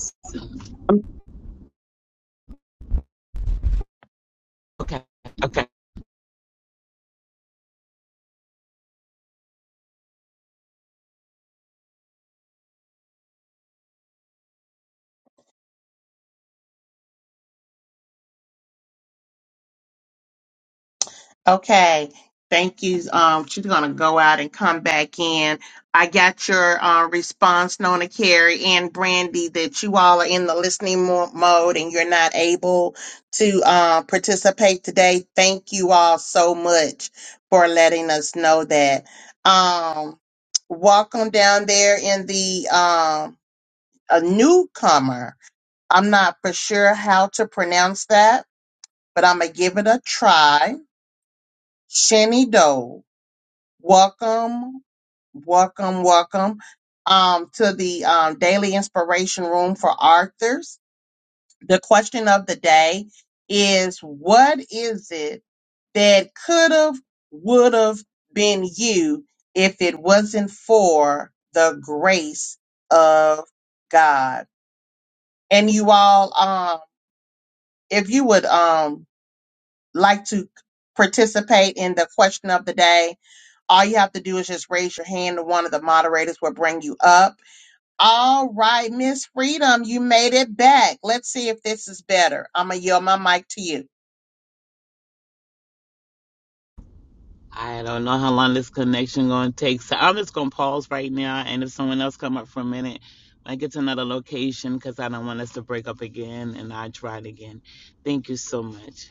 F: okay. Okay.
B: Okay, thank you. Um, she's gonna go out and come back in. I got your uh, response, Nona Carey and Brandy, that you all are in the listening mo- mode and you're not able to uh, participate today. Thank you all so much for letting us know that. Um, welcome down there in the um, a newcomer. I'm not for sure how to pronounce that, but I'm gonna give it a try. Shenny Welcome, welcome, welcome um, to the um, Daily Inspiration Room for Authors. The question of the day is What is it that could have, would have been you if it wasn't for the grace of God? And you all, um, if you would um, like to participate in the question of the day, All you have to do is just raise your hand and one of the moderators will bring you up. All right, Miss Freedom, you made it back. Let's see if this is better. I'm going to yield my mic to you.
F: I don't know how long this connection gonna take, so I'm just gonna pause right now. And if someone else come up for a minute, when I get to another location because I don't want us to break up again, and I try it again. Thank you so much.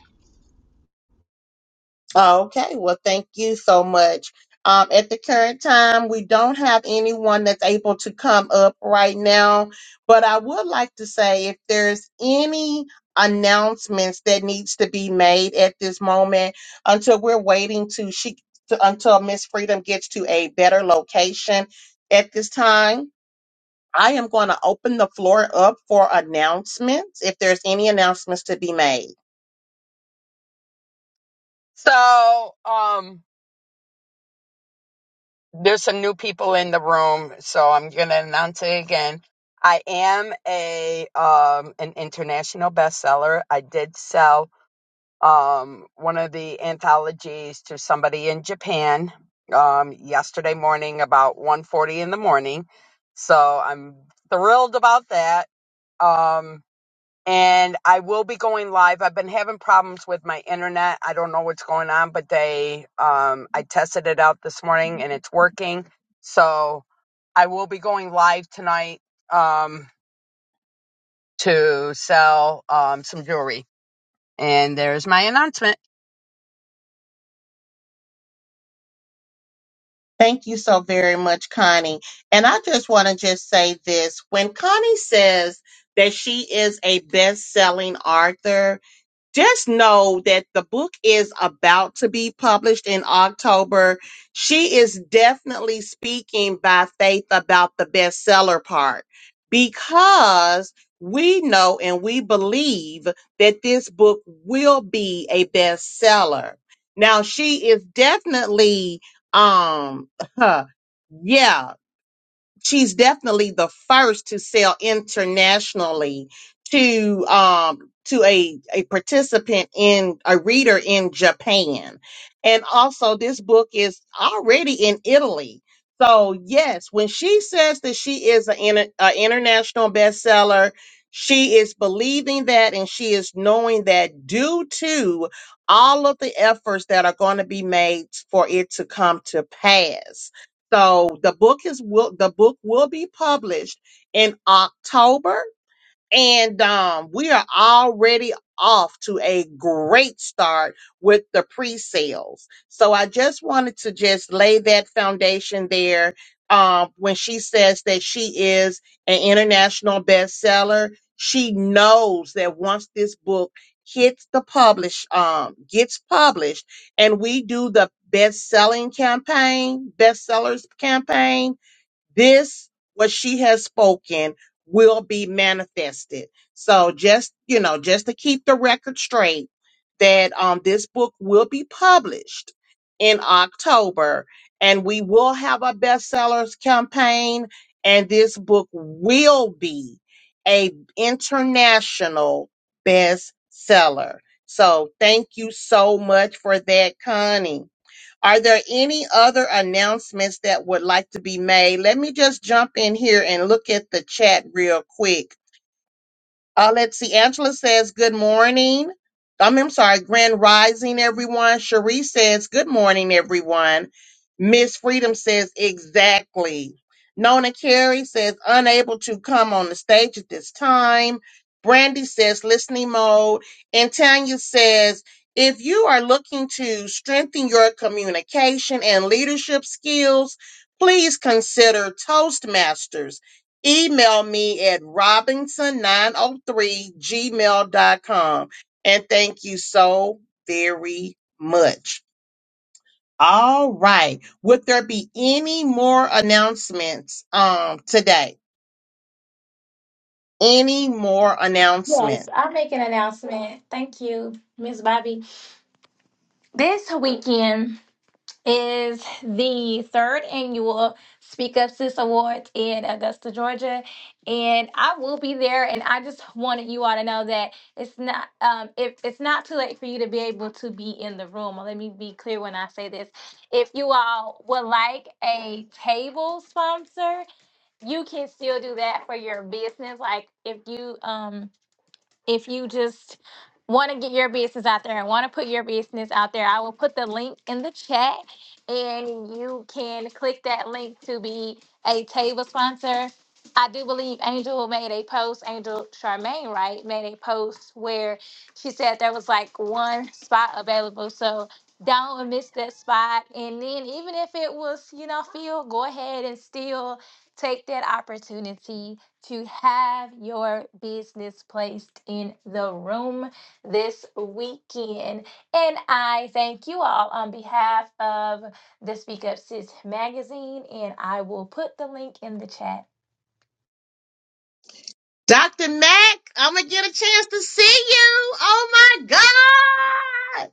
B: Okay, well, thank you so much. Um, at the current time, we don't have anyone that's able to come up right now, but I would like to say if there's any announcements that needs to be made at this moment until we're waiting to she to, until Miss Freedom gets to a better location at this time. I am going to open the floor up for announcements if there's any announcements to be made.
C: So, um, there's some new people in the room, so I'm going to announce it again. I am a um an international bestseller. I did sell um, one of the anthologies to somebody in Japan um, yesterday morning about 1.40 in the morning. So I'm thrilled about that. Um, and I will be going live. I've been having problems with my internet. I don't know what's going on, but they um, I tested it out this morning and it's working. So I will be going live tonight um, to sell um, some jewelry. And there's my announcement.
B: Thank you so very much, Connie. And I just want to just say this. When Connie says that she is a best-selling author, just know that the book is about to be published in October. She is definitely speaking by faith about the bestseller part because we know and we believe that this book will be a bestseller. Now she is definitely um yeah she's definitely the first to sell internationally to um to a a participant in a reader in Japan. And also this book is already in Italy. So yes, when she says that she is an inter- a international bestseller, she is believing that and she is knowing that due to all of the efforts that are going to be made for it to come to pass. So the book is will the book will be published in October and um, we are already off to a great start with the pre sales. So I just wanted to just lay that foundation there. Um, when she says that she is an international bestseller, she knows that once this book hits the publish, um, gets published, and we do the best selling campaign, bestsellers campaign, this what she has spoken will be manifested so just you know just to keep the record straight that um this book will be published in october and we will have a bestsellers campaign and this book will be a international bestseller so thank you so much for that connie are there any other announcements that would like to be made? Let me just jump in here and look at the chat real quick. Uh, let's see. Angela says, Good morning. Um, I'm sorry, Grand Rising, everyone. Cherie says, Good morning, everyone. Miss Freedom says, Exactly. Nona Carey says, Unable to come on the stage at this time. Brandy says, Listening mode. And Tanya says, if you are looking to strengthen your communication and leadership skills, please consider Toastmasters email me at robinson903gmail.com. And thank you so very much. All right. Would there be any more announcements um today? Any more
A: Yes,
B: announcements?
A: I'll make an announcement. Thank you, Miss Bobby. This weekend, is the third annual Speak Up Sis Awards in Augusta, Georgia, and I will be there. And I just wanted you all to know that it's not um if it's not too late for you to be able to be in the room. Let me be clear when I say this: if you all would like a table sponsor, you can still do that for your business. Like if you um if you just want to get your business out there and want to put your business out there, I will put the link in the chat and you can click that link to be a table sponsor. I do believe Angel made a post, Angel Charmaine, right, made a post where she said there was like one spot available. So don't miss that spot. And then even if it was, you know, filled, go ahead and still take that opportunity to have your business placed in the room this weekend. And I thank you all on behalf of the Speak Up Sis magazine, and I will put the link in the chat
B: Dr. Mack, I'm gonna get a chance to see you. Oh my God.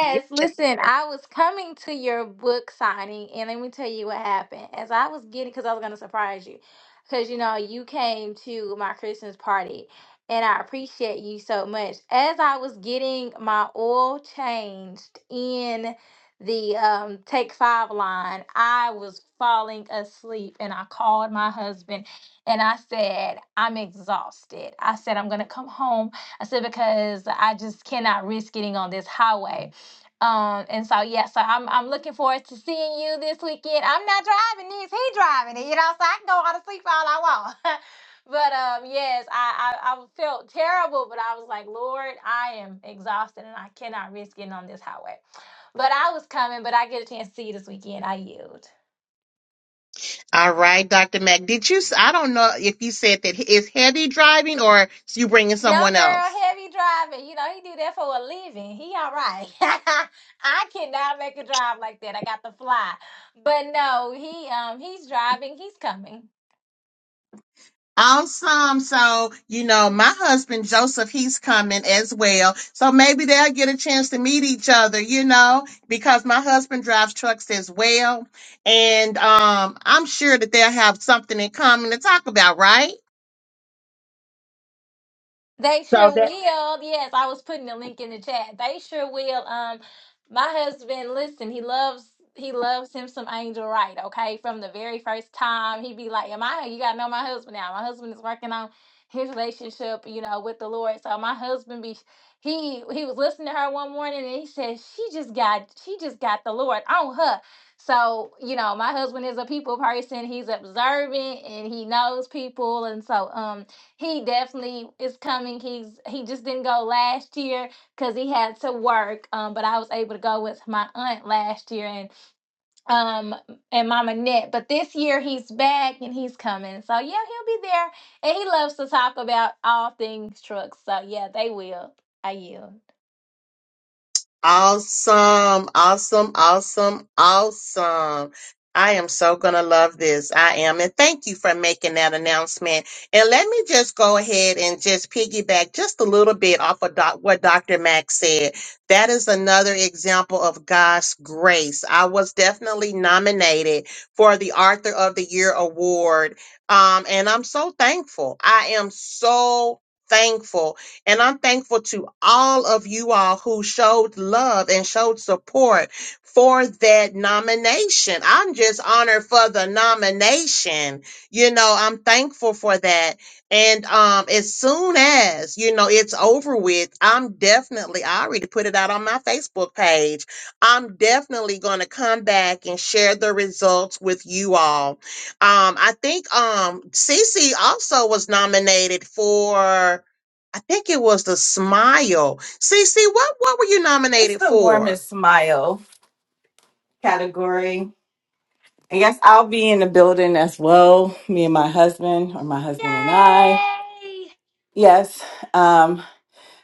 B: Yeah.
A: listen, I was coming to your book signing, and let me tell you what happened. As I was getting, because I was going to surprise you, because you know, you came to my Christmas party, and I appreciate you so much. As I was getting my oil changed in the um, Take Five line, I was falling asleep, and I called my husband and I said, I'm exhausted. I said, I'm going to come home. I said, because I just cannot risk getting on this highway. Um, and so yeah, so I'm I'm looking forward to seeing you this weekend. I'm not driving this, he driving it, you know, so I can go on to sleep all I want. but um yes, I, I I felt terrible, but I was like, Lord, I am exhausted and I cannot risk getting on this highway. But I was coming, but I get a chance to see you this weekend. I yield.
B: All right, Dr. Mack. Did you? I I don't know if you said that is heavy driving or is you bringing
A: No,
B: someone
A: girl,
B: else.
A: heavy driving. You know, he do that for a living. He all right. I cannot make a drive like that. I got to fly. But no, he um he's driving, he's coming.
B: Awesome. So, you know, my husband Joseph, he's coming as well. So maybe they'll get a chance to meet each other, you know, because my husband drives trucks as well. And um, I'm sure that they'll have something in common to talk about, right?
A: They
B: So
A: sure
B: that
A: will. Yes, I was putting the link in the chat. They sure will. Um, my husband, listen, he loves he loves him some Angel Wright. Okay, from the very first time, he'd be like, "Am I? You gotta know my husband now. My husband is working on his relationship, you know, with the Lord." So my husband be he he was listening to her one morning and he said, "She just got she just got the Lord on her." So, you know, my husband is a people person. He's observant and he knows people. And so, um, he definitely is coming. He's he just didn't go last year because he had to work. Um, but I was able to go with my aunt last year and um and Mama Net. But this year he's back and he's coming. So yeah, he'll be there. And he loves to talk about all things trucks. So yeah, they will. I yield.
B: Awesome, awesome, awesome, awesome. I am so going to love this. I am. And thank you for making that announcement. And let me just go ahead and just piggyback just a little bit off of doc- what Dr. Max said. That is another example of God's grace. I was definitely nominated for the Author of the Year award. Um, and I'm so thankful. I am so thankful and I'm thankful to all of you all who showed love and showed support for that nomination. I'm just honored for the nomination. You know, I'm thankful for that. And um, as soon as, you know, it's over with, I'm definitely, I already put it out on my Facebook page. I'm definitely going to come back and share the results with you all. Um, I think um, Cece also was nominated for. I think it was the smile. Cece. what what were you
D: It's
B: nominated
D: the
B: for?
D: warmest smile category. I guess I'll be in the building as well, me and my husband, or my husband and I.
A: Yay!
D: Yes. Um,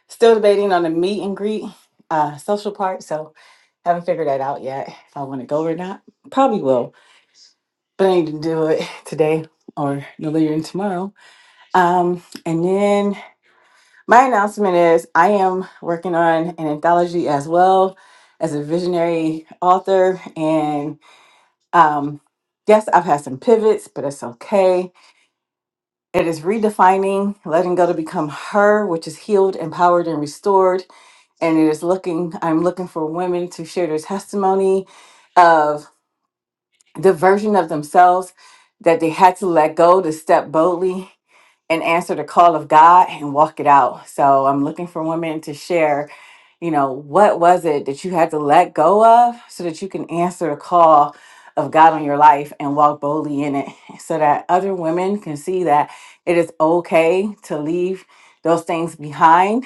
D: Still debating on the meet and greet uh, social part, so haven't figured that out yet if I want to go or not. Probably will, but I need to do it today or no later than tomorrow. Um, and then my announcement is I am working on an anthology as well as a visionary author. And um, yes, I've had some pivots, but it's okay. It is redefining letting go to become her, which is healed, empowered, and restored and it is looking i'm looking for women to share their testimony of the version of themselves that they had to let go to step boldly and answer the call of god and walk it out so i'm looking for women to share you know what was it that you had to let go of so that you can answer the call of god on your life and walk boldly in it so that other women can see that it is okay to leave those things behind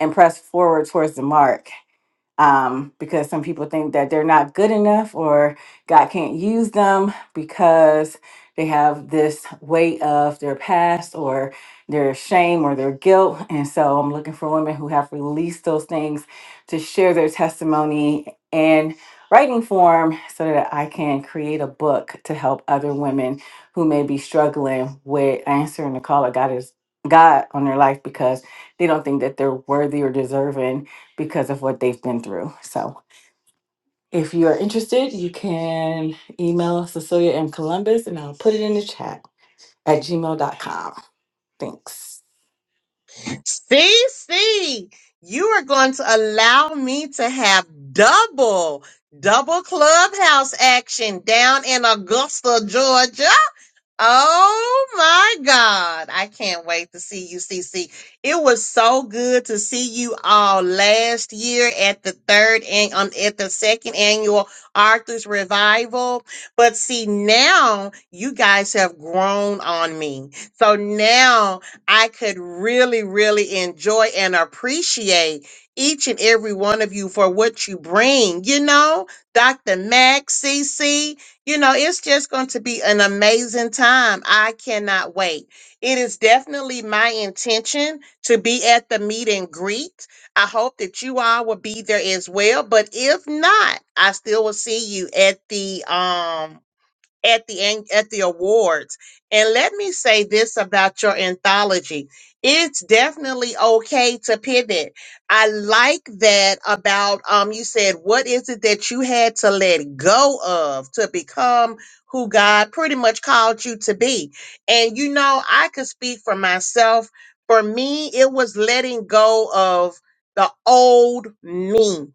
D: and press forward towards the mark um, because some people think that they're not good enough or God can't use them because they have this weight of their past or their shame or their guilt. And so I'm looking for women who have released those things to share their testimony in writing form so that I can create a book to help other women who may be struggling with answering the call of God is God on their life because they don't think that they're worthy or deserving because of what they've been through. So if you are interested, you can email Cecilia M. Columbus and I'll put it in the chat at gmail.com. Thanks.
B: Cece? you are going to allow me to have double double clubhouse action down in Augusta, Georgia. Oh my God. I can't wait to see you, C. C. It was so good to see you all last year at the third and um, at the second annual Arthur's Revival. But see, now you guys have grown on me. So now I could really, really enjoy and appreciate each and every one of you for what you bring. You know, Dr. Max, C. C you know, it's just going to be an amazing time. I cannot wait. It is definitely my intention to be at the meet and greet. I hope that you all will be there as well. But if not, I still will see you at the um at the an- at the awards. And let me say this about your anthology. It's definitely okay to pivot. I like that about um you said what is it that you had to let go of to become who God pretty much called you to be. And you know, I could speak for myself. For me, it was letting go of the old me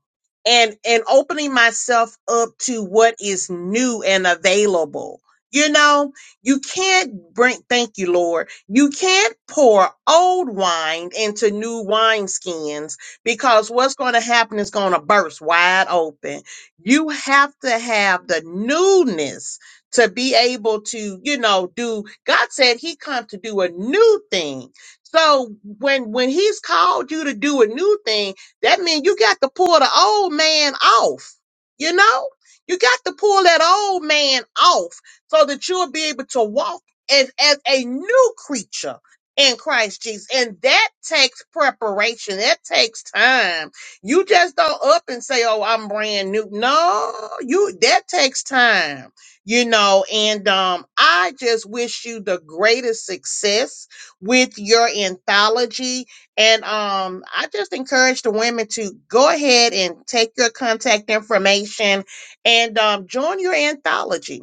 B: and and opening myself up to what is new and available you know you can't bring thank you lord you can't pour old wine into new wineskins because what's going to happen is going to burst wide open you have to have the newness to be able to you know do god said he come to do a new thing so when when he's called you to do a new thing that means you got to pull the old man off. You know, you got to pull that old man off so that you'll be able to walk as, as a new creature in Christ Jesus. And that takes preparation. That takes time. You just don't up and say, Oh, I'm brand new. No, you, that takes time, you know, and, um, I just wish you the greatest success with your anthology and um, I just encourage the women to go ahead and take your contact information and um, join your anthology.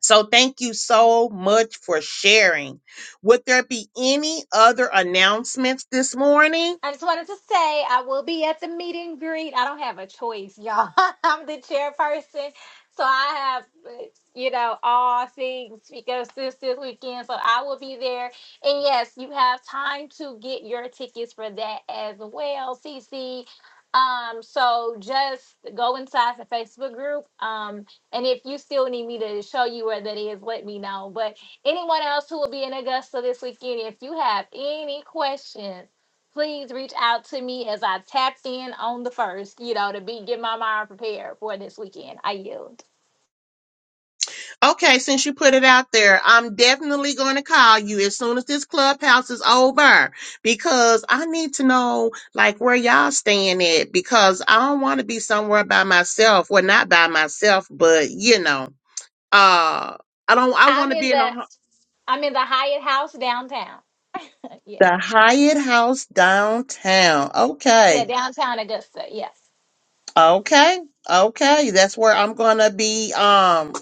B: So thank you so much for sharing. Would there be any other announcements this morning?
A: I just wanted to say I will be at the meet and greet. I don't have a choice, y'all. I'm the chairperson. So I have, uh, you know, all things because this this weekend. So I will be there. And yes, you have time to get your tickets for that as well, CC. Um, so just go inside the Facebook group. Um, and if you still need me to show you where that is, let me know. But anyone else who will be in Augusta this weekend, if you have any questions, please reach out to me as I tapped in on the first, you know, to be get my mind prepared for this weekend. I yield.
B: Okay, since you put it out there, I'm definitely going to call you as soon as this clubhouse is over because I need to know like where y'all staying at because I don't want to be somewhere by myself. Well, not by myself, but you know. Uh, I don't. I want
A: I'm
B: to
A: in
B: be in
A: the
B: a hu-
A: I'm in the Hyatt House downtown. Uh, Yeah.
B: the Hyatt House downtown.
A: Yeah,
B: Okay,
A: downtown Augusta. Yes.
B: okay, okay. That's where I'm gonna be. Um,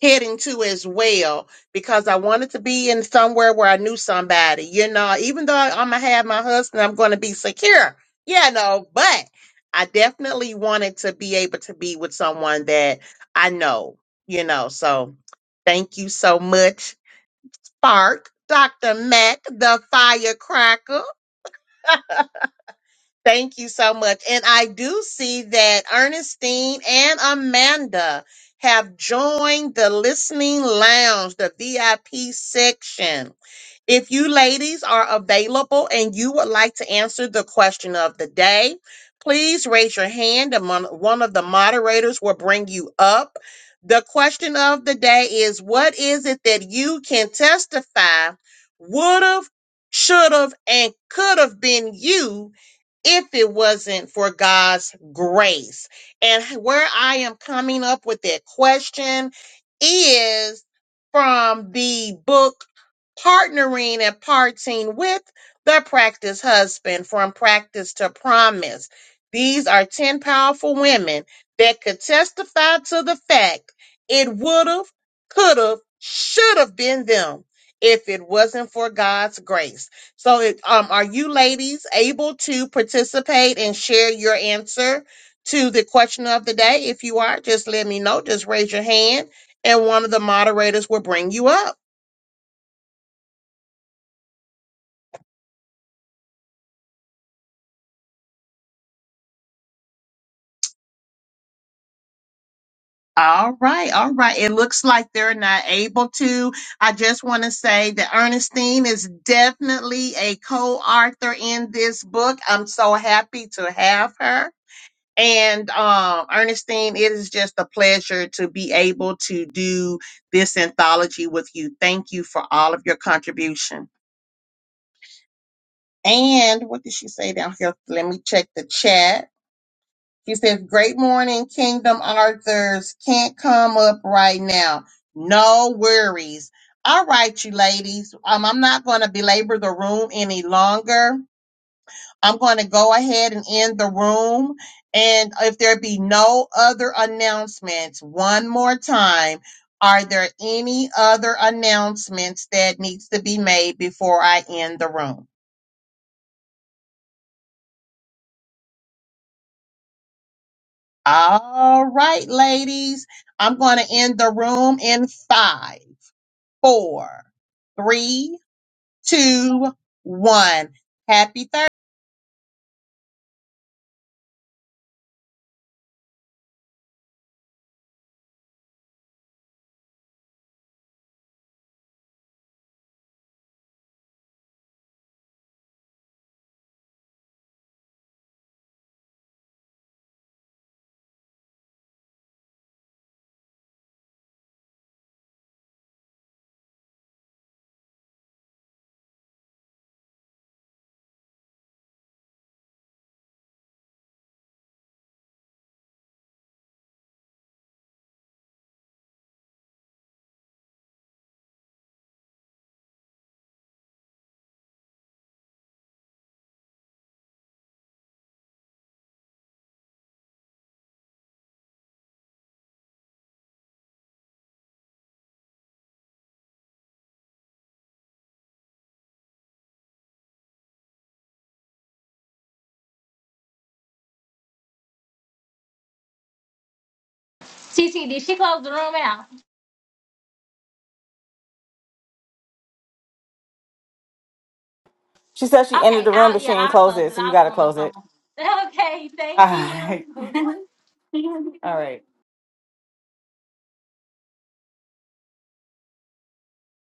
B: heading to as well because I wanted to be in somewhere where I knew somebody. You know, even though I'm gonna have my husband, I'm gonna be secure. You know, but I definitely wanted to be able to be with someone that I know. You know, so thank you so much Spark, Dr. Mack, the firecracker. Thank you so much. And I do see that Ernestine and Amanda have joined the listening lounge, the VIP section. If you ladies are available and you would like to answer the question of the day, please raise your hand and mon- one of the moderators will bring you up. The question of the day is what is it that you can testify would have, should have, and could have been you if it wasn't for God's grace? And where I am coming up with that question is from the book partnering and parting with the practice husband from practice to promise. These are 10 powerful women that could testify to the fact it would have, could have, should have been them if it wasn't for God's grace. So, it, um, are you ladies able to participate and share your answer to the question of the day? If you are, just let me know. Just raise your hand, and one of the moderators will bring you up. All right, all right. It looks like they're not able to. I just want to say that Ernestine is definitely a co-author in this book. I'm so happy to have her. And um, Ernestine, it is just a pleasure to be able to do this anthology with you. Thank you for all of your contribution. And what did she say down here? Let me check the chat. She says, Great morning, Kingdom Arthurs. Can't come up right now. No worries. All right, you ladies. Um, I'm not going to belabor the room any longer. I'm going to go ahead and end the room. And if there be no other announcements, one more time, are there any other announcements that needs to be made before I end the room? All right, ladies. I'm going to end the room in five four, three, two, one. Happy Thursday.
A: TT, did she close the room out?
D: She said she entered
A: Okay,
D: the room,
A: out.
D: but she
A: Yeah,
D: ain't
A: I
D: closed
A: closed
D: it,
A: it.
D: so you
A: I was
D: gotta
A: on the
D: close
A: phone.
D: it.
A: Okay,
D: All
A: thank
D: right.
A: you.
D: All right.